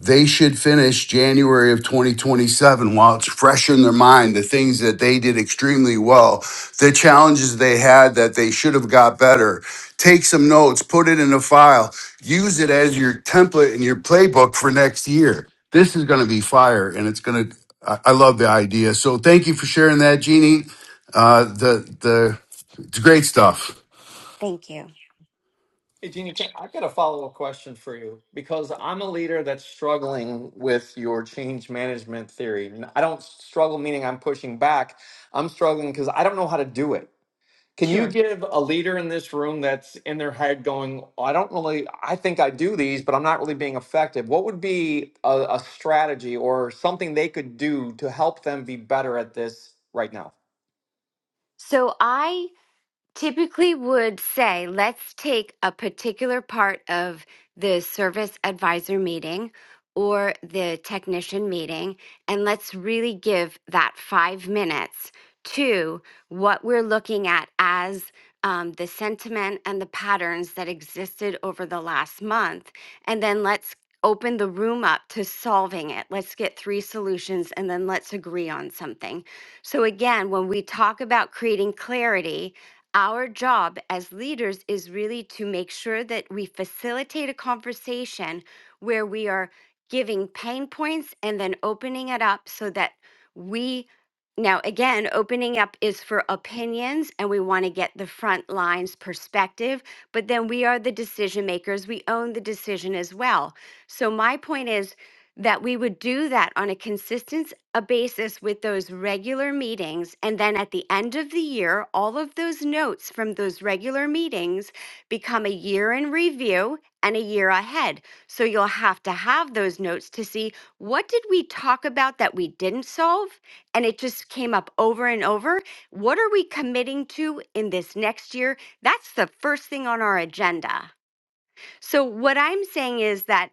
they should finish January of 2027 while it's fresh in their mind the things that they did extremely well, the challenges they had that they should have got better. Take some notes, put it in a file, use it as your template and your playbook for next year. This is going to be fire and it's going to I I love the idea. So thank you for sharing that, Jeannie. Uh, the the it's great stuff.
Thank you.
Hey, Jeannie, can, I've got a follow-up question for you because I'm a leader that's struggling with your change management theory. I I don't struggle meaning I'm pushing back. I'm struggling because I don't know how to do it. Can you
Sure.
give a leader in this room that's in their head going, "Oh, I don't really, I think I do these, but I'm not really being effective? What would be a, a strategy or something they could do to help them be better at this right now?
So I typically would say, let's take a particular part of the service advisor meeting or the technician meeting, and let's really give that five minutes to what we're looking at as um, the sentiment and the patterns that existed over the last month. And then let's open the room up to solving it. Let's get three solutions and then let's agree on something. So, again, when we talk about creating clarity, our job as leaders is really to make sure that we facilitate a conversation where we are giving pain points and then opening it up so that we now again opening up is for opinions and we want to get the front lines perspective but then we are the decision makers we own the decision as well so my point is that we would do that on a consistent a basis with those regular meetings. And then at the end of the year, all of those notes from those regular meetings become a year in review and a year ahead. So you'll have to have those notes to see what did we talk about that we didn't solve and it just came up over and over. What are we committing to in this next year? That's the first thing on our agenda. So what I'm saying is that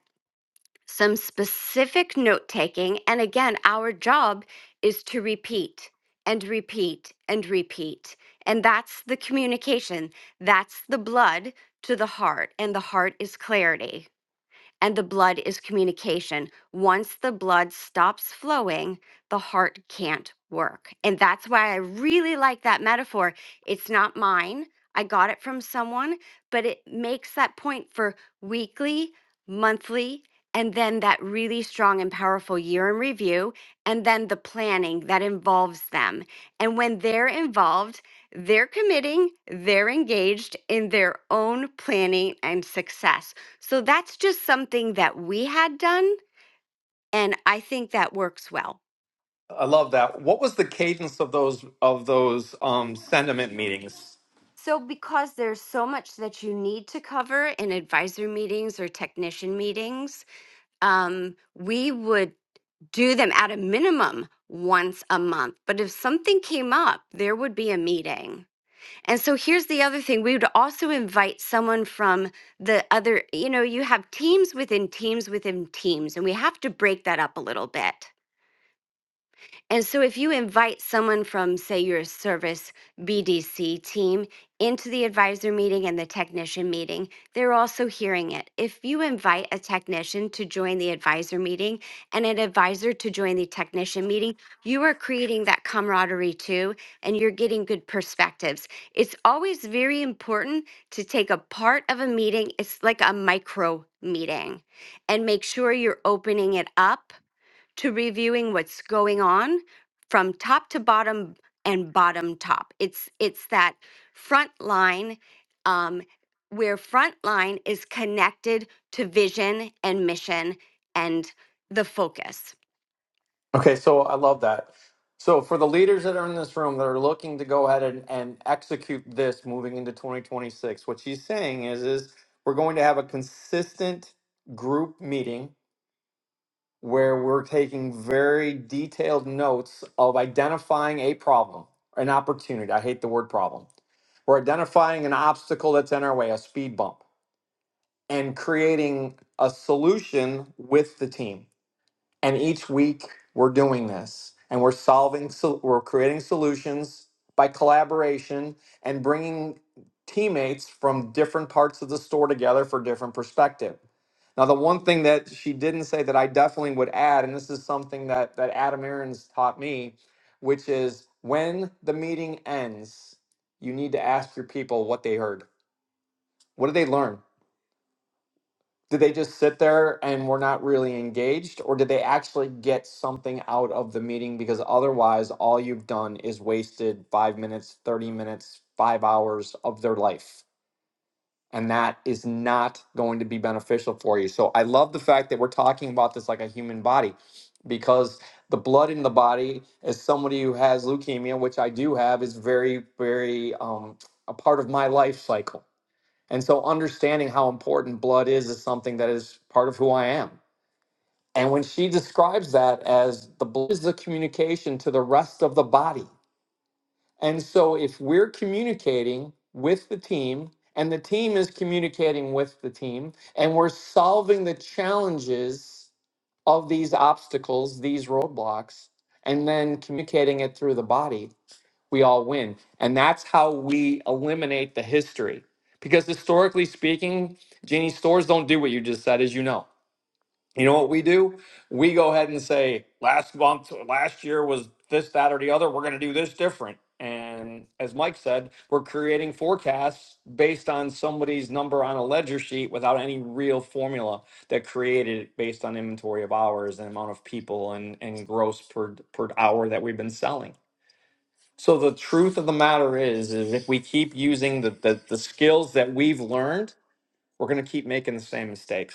some specific note taking. And again, our job is to repeat and repeat and repeat. And that's the communication, that's the blood to the heart. And the heart is clarity and the blood is communication. Once the blood stops flowing, the heart can't work. And that's why I really like that metaphor. It's not mine, I got it from someone, but it makes that point for weekly, monthly, and then that really strong and powerful year in review, and then the planning that involves them. And when they're involved, they're committing, they're engaged in their own planning and success. So that's just something that we had done. And I think that works well.
I love that. What was the cadence of those of those um, sentiment meetings?
So, because there's so much that you need to cover in advisor meetings or technician meetings, um, we would do them at a minimum once a month. But if something came up, there would be a meeting. And so, here's the other thing we would also invite someone from the other, you know, you have teams within teams within teams, and we have to break that up a little bit. And so, if you invite someone from, say, your service BDC team into the advisor meeting and the technician meeting, they're also hearing it. If you invite a technician to join the advisor meeting and an advisor to join the technician meeting, you are creating that camaraderie too, and you're getting good perspectives. It's always very important to take a part of a meeting, it's like a micro meeting, and make sure you're opening it up to reviewing what's going on from top to bottom and bottom top. It's it's that front line um, where front line is connected to vision and mission and the focus.
Okay, so I love that. So for the leaders that are in this room that are looking to go ahead and, and execute this moving into 2026, what she's saying is is we're going to have a consistent group meeting where we're taking very detailed notes of identifying a problem, an opportunity. I hate the word problem. We're identifying an obstacle that's in our way, a speed bump, and creating a solution with the team and each week we're doing this and we're solving, so we're creating solutions by collaboration and bringing teammates from different parts of the store together for different perspective. Now, the one thing that she didn't say that I definitely would add, and this is something that, that Adam Aarons taught me, which is when the meeting ends, you need to ask your people what they heard. What did they learn? Did they just sit there and were not really engaged, or did they actually get something out of the meeting? Because otherwise, all you've done is wasted five minutes, 30 minutes, five hours of their life. And that is not going to be beneficial for you. So I love the fact that we're talking about this like a human body because the blood in the body, as somebody who has leukemia, which I do have, is very, very um, a part of my life cycle and so understanding how important blood is is something that is part of who I am. And when she describes that as the blood is the communication to the rest of the body. And so if we're communicating with the team and the team is communicating with the team and we're solving the challenges of these obstacles, these roadblocks, and then communicating it through the body, we all win. And that's how we eliminate the history. Because historically speaking, Jeannie, stores don't do what you just said, as you know. You know what we do? We go ahead and say, last month, last year was this, that, or the other. We're going to do this different. And as Mike said, we're creating forecasts based on somebody's number on a ledger sheet without any real formula that created it based on inventory of hours and amount of people and, and gross per, per hour that we've been selling so the truth of the matter is, is if we keep using the the, the skills that we've learned, we're going to keep making the same mistakes.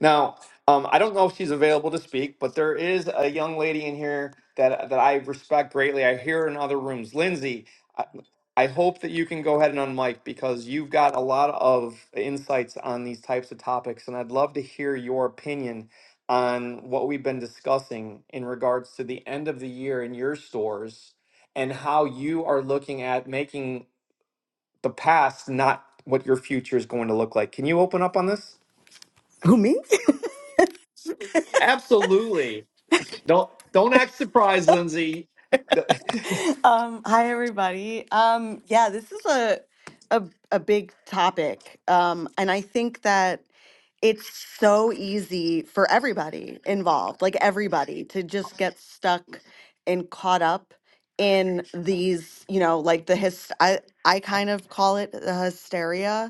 Now, um, I don't know if she's available to speak, but there is a young lady in here that that I respect greatly. I hear her in other rooms, Lindsay. I, I hope that you can go ahead and unmic because you've got a lot of insights on these types of topics, and I'd love to hear your opinion on what we've been discussing in regards to the end of the year in your stores and how you are looking at making the past not what your future is going to look like. Can you open up on this?
Who me?
Absolutely. Don't don't act surprised, Lindsay. The-
um, hi everybody. Um, yeah, this is a a a big topic, um, and I think that it's so easy for everybody involved, like everybody, to just get stuck and caught up in these, you know, like the his. I I kind of call it the hysteria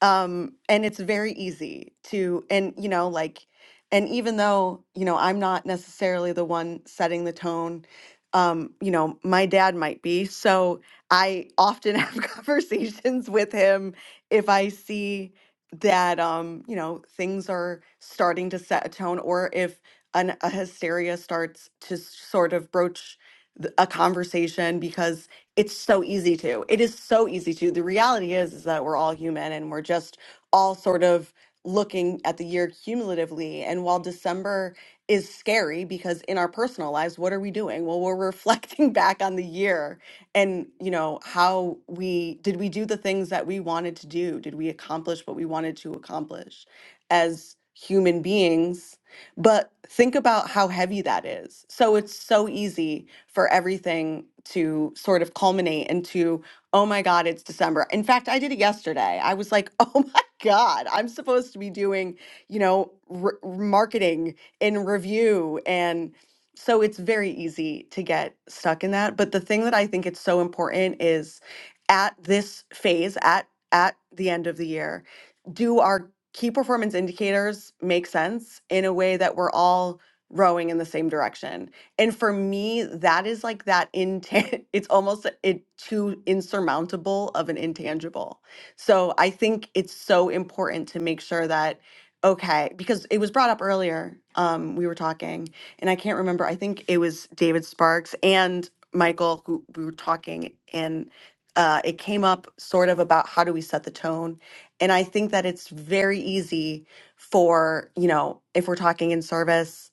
um and it's very easy to and you know like and even though you know i'm not necessarily the one setting the tone um you know my dad might be so i often have conversations with him if i see that um you know things are starting to set a tone or if an, a hysteria starts to sort of broach th- a conversation because it's so easy to. It is so easy to. The reality is is that we're all human and we're just all sort of looking at the year cumulatively and while December is scary because in our personal lives what are we doing? Well, we're reflecting back on the year and, you know, how we did we do the things that we wanted to do? Did we accomplish what we wanted to accomplish as human beings? But think about how heavy that is. So it's so easy for everything to sort of culminate into, oh my God, it's December. In fact, I did it yesterday. I was like, oh my God, I'm supposed to be doing, you know, r- marketing in review. And so it's very easy to get stuck in that. But the thing that I think it's so important is at this phase, at at the end of the year, do our key performance indicators make sense in a way that we're all rowing in the same direction. And for me, that is like that intan it's almost it too insurmountable of an intangible. So I think it's so important to make sure that okay, because it was brought up earlier. Um we were talking and I can't remember. I think it was David Sparks and Michael who we were talking and uh, it came up sort of about how do we set the tone and I think that it's very easy for, you know, if we're talking in service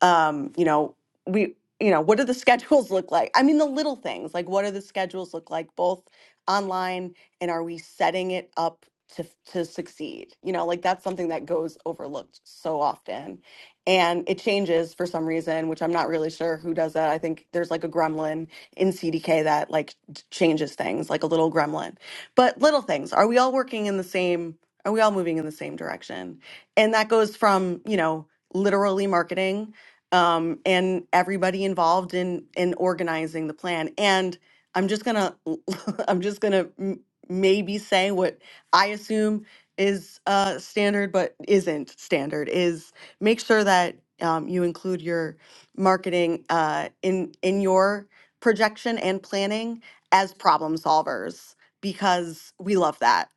um, you know, we, you know, what do the schedules look like? I mean, the little things, like what do the schedules look like, both online and are we setting it up to to succeed? You know, like that's something that goes overlooked so often, and it changes for some reason, which I'm not really sure who does that. I think there's like a gremlin in CDK that like d- changes things, like a little gremlin. But little things, are we all working in the same? Are we all moving in the same direction? And that goes from you know literally marketing um, and everybody involved in in organizing the plan. And I'm just gonna I'm just gonna m- maybe say what I assume is uh, standard, but isn't standard is make sure that um, you include your marketing uh, in in your projection and planning as problem solvers because we love that.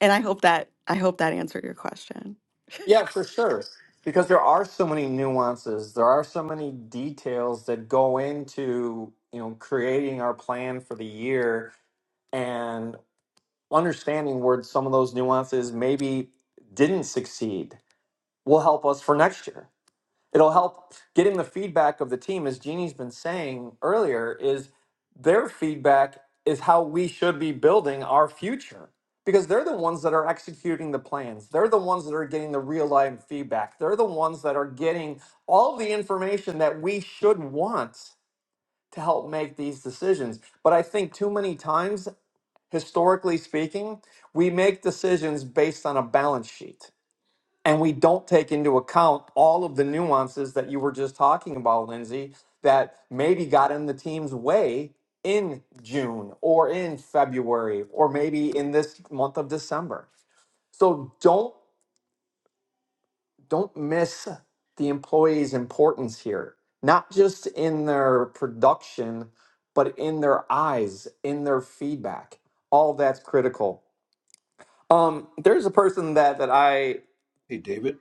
And I hope that I hope that answered your question.
yeah, for sure. Because there are so many nuances, there are so many details that go into you know creating our plan for the year and understanding where some of those nuances maybe didn't succeed will help us for next year. it'll help getting the feedback of the team as jeannie's been saying earlier is their feedback is how we should be building our future because they're the ones that are executing the plans they're the ones that are getting the real time feedback they're the ones that are getting all the information that we should want to help make these decisions but i think too many times historically speaking we make decisions based on a balance sheet and we don't take into account all of the nuances that you were just talking about, Lindsay, that maybe got in the team's way in June or in February or maybe in this month of December. So don't don't miss the employee's importance here, not just in their production, but in their eyes, in their feedback. All that's critical. Um, there's a person that that I
Hey, David.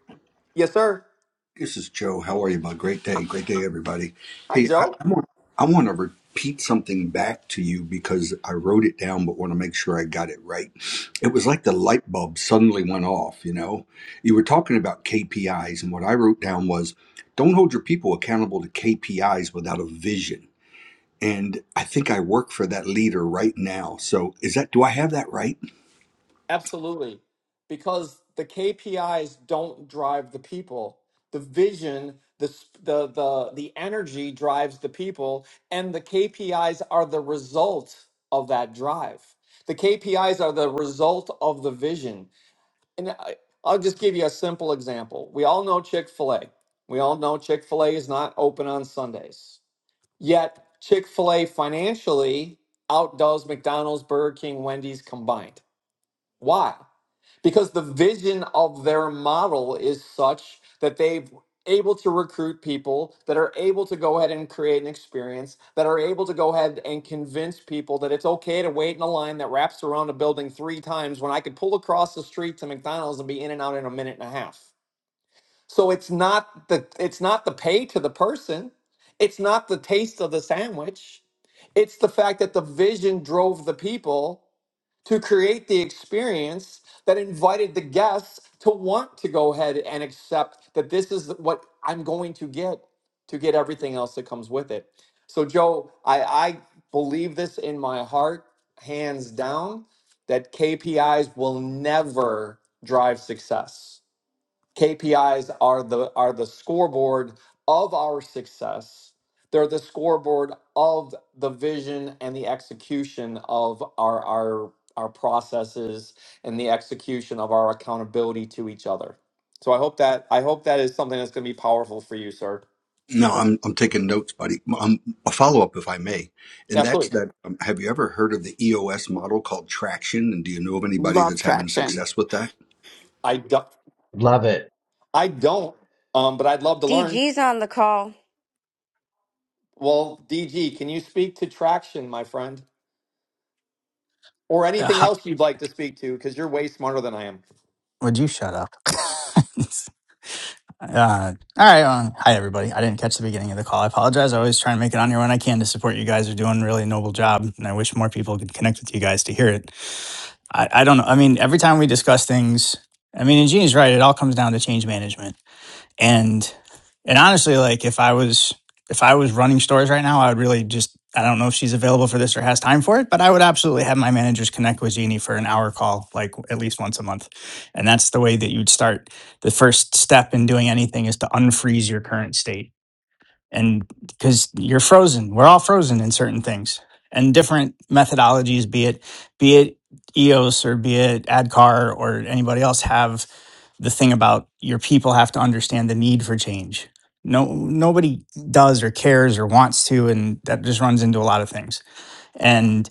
yes, sir.
This is Joe. How are you? My great day. Great day, everybody.
Hi,
Hey, I,
Joe.
I, want, I want to repeat something back to you because I wrote it down, but want to make sure I got it right. It was like the light bulb suddenly went off, you know? You were talking about KPIs, and what I wrote down was don't hold your people accountable to KPIs without a vision. And I think I work for that leader right now. So is that, do I have that right?
Absolutely. Because the KPIs don't drive the people. The vision, the sp- the the the energy drives the people and the KPIs are the result of that drive. The KPIs are the result of the vision. And I, I'll just give you a simple example. We all know Chick-fil-A. We all know Chick-fil-A is not open on Sundays. Yet Chick-fil-A financially outdoes McDonald's, Burger King, Wendy's combined. Why? Because the vision of their model is such that they've able to recruit people that are able to go ahead and create an experience that are able to go ahead and convince people that it's okay to wait in a line that wraps around a building three times when I could pull across the street to McDonald's and be in and out in a minute and a half. So it's not the it's not the pay to the person. It's not the taste of the sandwich. It's the fact that the vision drove the people to create the experience that invited the guests to want to go ahead and accept that this is what I'm going to get to get everything else that comes with it. So, Joe, I, I believe this in my heart, hands down, that KPIs will never drive success. KPIs are the are the scoreboard of our success. They're the scoreboard of the vision and the execution of our our our processes and the execution of our accountability to each other. So I hope that I hope that is something that's going to be powerful for you, sir.
No, I'm I'm taking notes, buddy. Um, a follow up, if I may, and that's
Absolutely.
that. Um, have you ever heard of the EOS model called traction? And do you know of anybody that's having success with that?
I don't
love it
I don't um but I'd love to learn.
DG's on the call.
Well, DG, can you speak to traction, my friend? Or
Uh,
anything
hi-
else you'd like to speak to cuz you're way smarter than I am.
Would you shut up? uh, all right. Um, hi, everybody. I didn't catch the beginning of the call. I apologize. I always try and make it on here when I can to support you guys. You're doing a really noble job, and I wish more people could connect with you guys to hear it. I, I don't know. I mean, every time we discuss things, I mean, and Gene's right. It all comes down to change management and and honestly like if i was if i was running stores right now i would really just i don't know if she's available for this or has time for it but i would absolutely have my managers connect with jeannie for an hour call like at least once a month and that's the way that you'd start the first step in doing anything is to unfreeze your current state and because you're frozen we're all frozen in certain things and different methodologies be it be it eos or be it adcar or anybody else have the thing about your people have to understand the need for change. No, nobody does or cares or wants to, and that just runs into a lot of things. And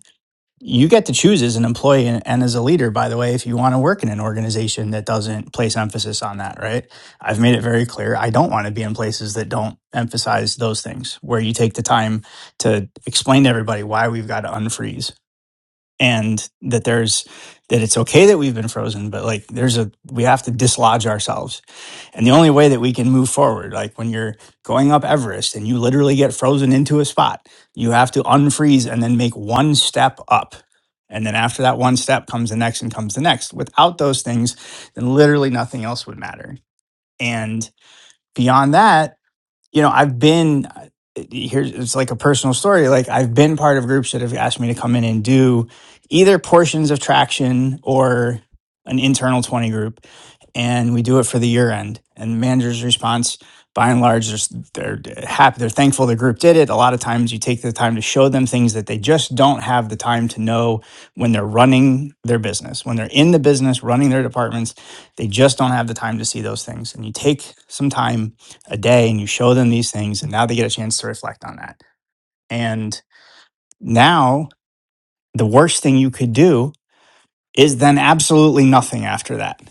you get to choose as an employee and, and as a leader, by the way, if you want to work in an organization that doesn't place emphasis on that, right? I've made it very clear I don't want to be in places that don't emphasize those things, where you take the time to explain to everybody why we've got to unfreeze and that there's that it's okay that we've been frozen, but like there's a we have to dislodge ourselves and the only way that we can move forward, like when you're going up Everest and you literally get frozen into a spot, you have to unfreeze and then make one step up. And then after that one step comes the next and comes the next. Without those things, then literally nothing else would matter. And beyond that, you know, I've been here's it's like a personal story. Like I've been part of groups that have asked me to come in and do either portions of traction or an internal 20 group. And we do it for the year end. And the manager's response, by and large, they're, s- they're happy. They're thankful the group did it. A lot of times you take the time to show them things that they just don't have the time to know when they're running their business. When they're in the business, running their departments, they just don't have the time to see those things. And you take some time a day and you show them these things and now they get a chance to reflect on that and now the worst thing you could do is then absolutely nothing after that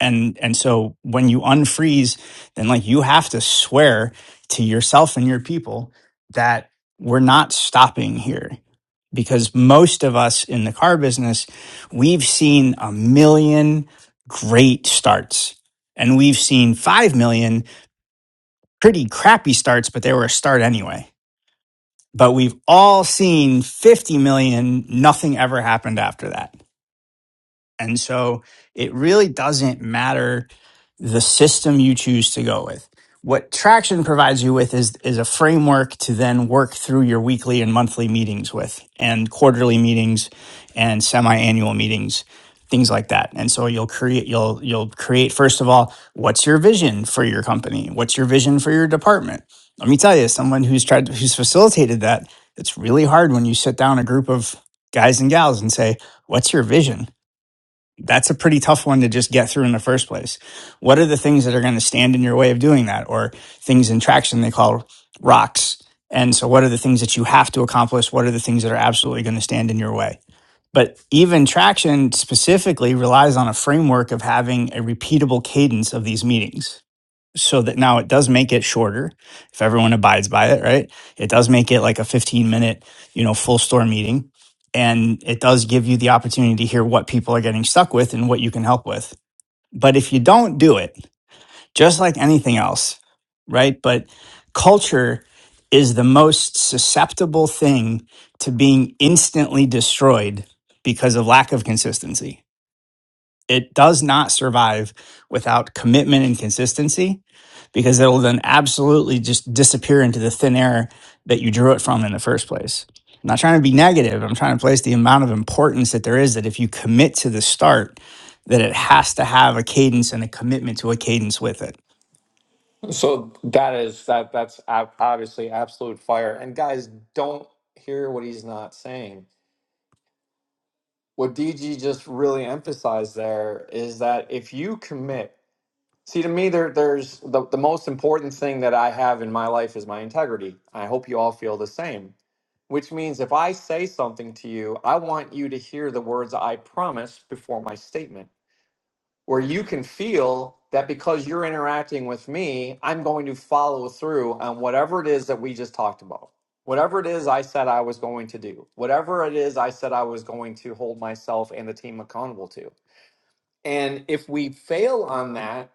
and and so when you unfreeze then like you have to swear to yourself and your people that we're not stopping here because most of us in the car business we've seen a million great starts and we've seen 5 million pretty crappy starts but they were a start anyway but we've all seen 50 million. Nothing ever happened after that. And so it really doesn't matter the system you choose to go with. What Traction provides you with is, is a framework to then work through your weekly and monthly meetings with, and quarterly meetings and semi annual meetings, things like that. And so you'll create, you'll, you'll create, first of all, what's your vision for your company? What's your vision for your department? Let me tell you, as someone who's tried, who's facilitated that, it's really hard when you sit down a group of guys and gals and say, what's your vision? that's a pretty tough one to just get through in the first place. What are the things that are going to stand in your way of doing that or things in traction they call rocks? And so what are the things that you have to accomplish? What are the things that are absolutely going to stand in your way? But even traction specifically relies on a framework of having a repeatable cadence of these meetings so that now it does make it shorter if everyone abides by it right it does make it like a 15 minute you know full store meeting and it does give you the opportunity to hear what people are getting stuck with and what you can help with but if you don't do it just like anything else right but culture is the most susceptible thing to being instantly destroyed because of lack of consistency it does not survive without commitment and consistency because it'll then absolutely just disappear into the thin air that you drew it from in the first place. I'm not trying to be negative. I'm trying to place the amount of importance that there is that if you commit to the start, that it has to have a cadence and a commitment to a cadence with it.
So that is that that's ab- obviously absolute fire. And guys, don't hear what he's not saying. What DG just really emphasized there is that if you commit, see to me there there's the, the most important thing that I have in my life is my integrity. I hope you all feel the same. Which means if I say something to you, I want you to hear the words I promise before my statement where you can feel that because you're interacting with me, I'm going to follow through on whatever it is that we just talked about. Whatever it is I said I was going to do, whatever it is I said I was going to hold myself and the team accountable to. And if we fail on that,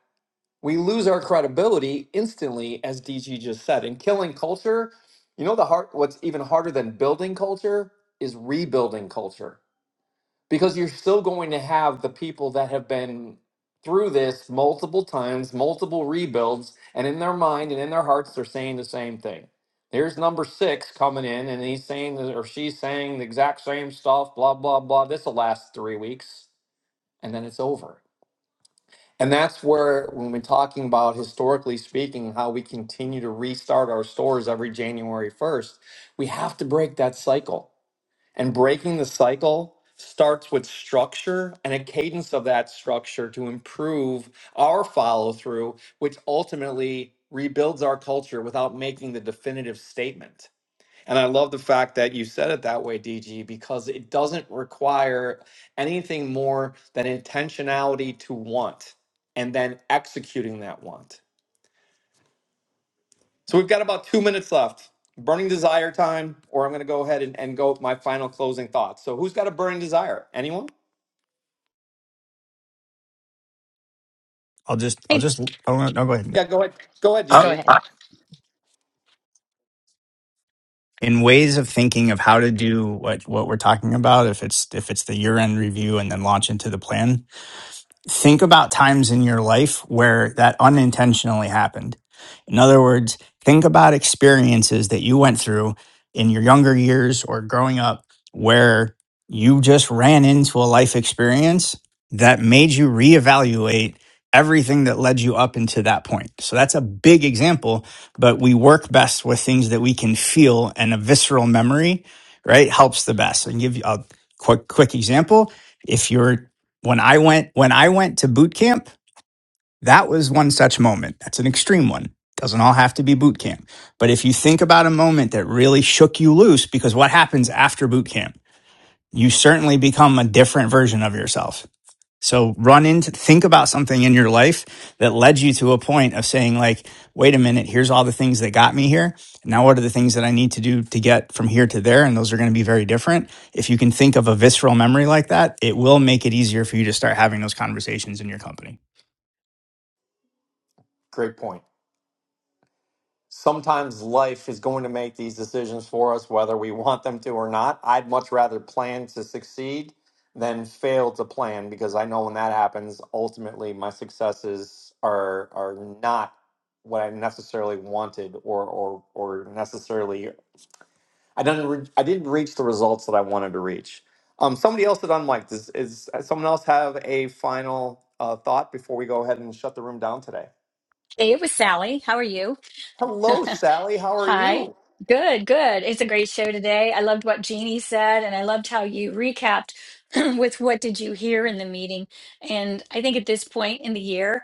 we lose our credibility instantly, as DG just said. And killing culture, you know, the hard, what's even harder than building culture is rebuilding culture because you're still going to have the people that have been through this multiple times, multiple rebuilds, and in their mind and in their hearts, they're saying the same thing. There's number six coming in, and he's saying or she's saying the exact same stuff, blah, blah, blah. This will last three weeks, and then it's over. And that's where, when we're talking about historically speaking, how we continue to restart our stores every January 1st, we have to break that cycle and breaking the cycle starts with structure and a cadence of that structure to improve our follow through, which ultimately rebuilds our culture without making the definitive statement. And I love the fact that you said it that way, DG, because it doesn't require anything more than intentionality to want and then executing that want. So we've got about two minutes left. Burning desire time, or I'm going to go ahead and, and go with my final closing thoughts. So who's got a burning desire? Anyone?
I'll just, I'll
Hey,
just, oh no, no, go ahead.
Yeah, go ahead. Go ahead,
Uh,
go
DG.
ahead.
uh,
In ways of thinking of how to do what what we're talking about, if it's if it's the year end review and then launch into the plan, think about times in your life where that unintentionally happened. In other words, think about experiences that you went through in your younger years or growing up where you just ran into a life experience that made you reevaluate everything that led you up into that point. So that's a big example, but we work best with things that we can feel and a visceral memory, right? Helps the best. And give you a quick quick example if you're when I went when I went to boot camp, that was one such moment. That's an extreme one. Doesn't all have to be boot camp. But if you think about a moment that really shook you loose because what happens after boot camp? You certainly become a different version of yourself. So run into think about something in your life that led you to a point of saying like, wait a minute, here's all the things that got me here. Now what are the things that I need to do to get from here to there and those are going to be very different. If you can think of a visceral memory like that, it will make it easier for you to start having those conversations in your company.
Great point. Sometimes life is going to make these decisions for us, whether we want them to or not. I'd much rather plan to succeed than fail to plan because I know when that happens, ultimately my successes are are not what I necessarily wanted or or or necessarily I didn't re- I didn't reach the results that I wanted to reach. Um, somebody else that unmiked is is does someone else have a final uh, thought before we go ahead and shut the room down today?
Hey, it was Sally. How are you?
Hello, Sally. How are
Hi.
you?
Good, good. It's a great show today. I loved what Jeannie said, and I loved how you recapped with what did you hear in the meeting. And I think at this point in the year,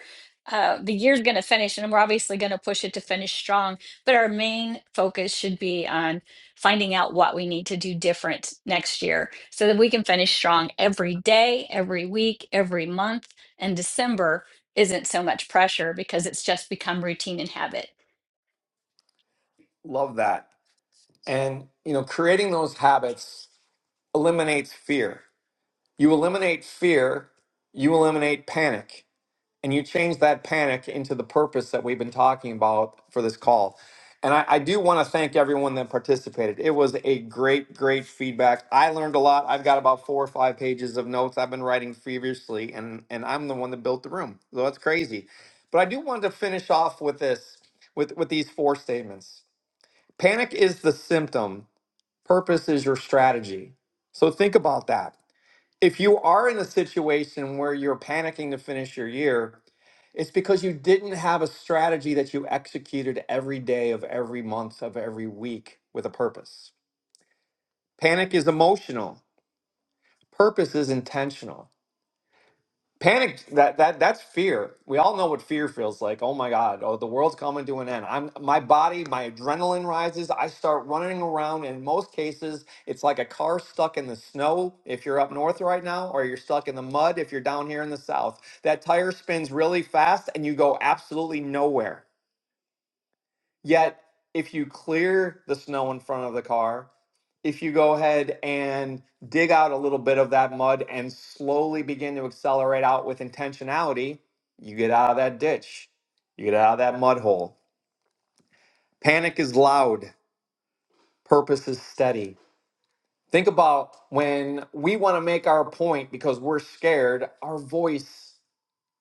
uh, the year's going to finish, and we're obviously going to push it to finish strong. But our main focus should be on finding out what we need to do different next year so that we can finish strong every day, every week, every month. And December isn't so much pressure because it's just become routine and habit.
Love that. And you know, creating those habits eliminates fear. You eliminate fear, you eliminate panic. and you change that panic into the purpose that we've been talking about for this call. And I, I do want to thank everyone that participated. It was a great, great feedback. I learned a lot. I've got about four or five pages of notes I've been writing feverishly, and and I'm the one that built the room. So that's crazy. But I do want to finish off with this, with with these four statements. Panic is the symptom. Purpose is your strategy. So think about that. If you are in a situation where you're panicking to finish your year, it's because you didn't have a strategy that you executed every day of every month of every week with a purpose. Panic is emotional. Purpose is intentional. Panic that that that's fear. We all know what fear feels like. Oh my god, oh the world's coming to an end. I'm my body, my adrenaline rises. I start running around in most cases it's like a car stuck in the snow if you're up north right now or you're stuck in the mud if you're down here in the south. That tire spins really fast and you go absolutely nowhere. Yet, if you clear the snow in front of the car, if you go ahead and dig out a little bit of that mud and slowly begin to accelerate out with intentionality, you get out of that ditch. You get out of that mud hole. Panic is loud, purpose is steady. Think about when we want to make our point because we're scared, our voice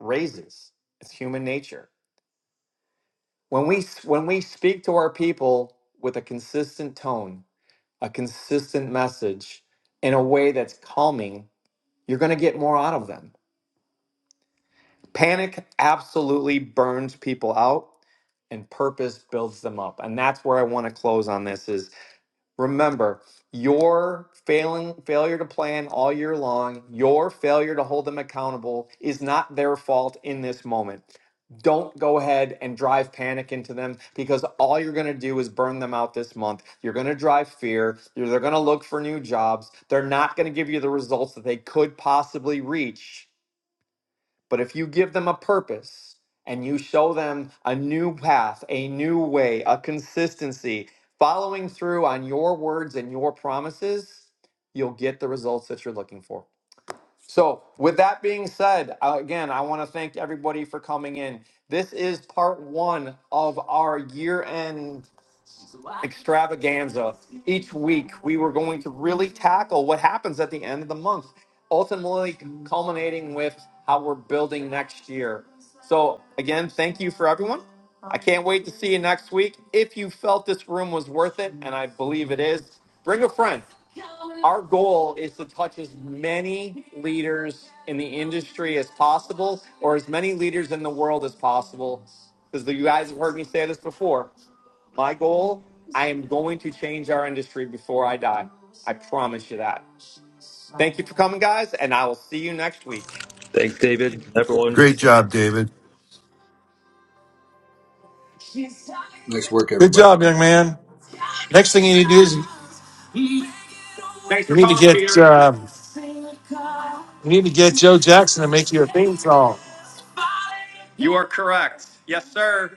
raises. It's human nature. When we when we speak to our people with a consistent tone, a consistent message in a way that's calming, you're going to get more out of them. Panic absolutely burns people out and purpose builds them up. And that's where I want to close on this is Remember, your failing failure to plan all year long, your failure to hold them accountable is not their fault in this moment. Don't go ahead and drive panic into them because all you're going to do is burn them out this month. You're going to drive fear. You're, they're going to look for new jobs. They're not going to give you the results that they could possibly reach but if you give them a purpose and you show them a new path, a new way, a consistency, following through on your words and your promises, you'll get the results that you're looking for. So, with that being said, uh, again, I want to thank everybody for coming in. This is part one of our year end extravaganza each week we were going to really tackle what happens at the end of the month ultimately culminating with how we're building next year so again thank you for everyone i can't wait to see you next week if you felt this room was worth it and i believe it is bring a friend our goal is to touch as many leaders in the industry as possible or as many leaders in the world as possible because you guys have heard me say this before my goal, I am going to change our industry before I die. I promise you that. Thank you for coming, guys, and I will see you next week.
Thanks, David. Everyone.
Great job, David.
Nice work,
good
everybody.
job, young man. Next thing you need to do is you need to get um, you need to get Joe Jackson to make you a theme song.
You are correct. Yes, sir.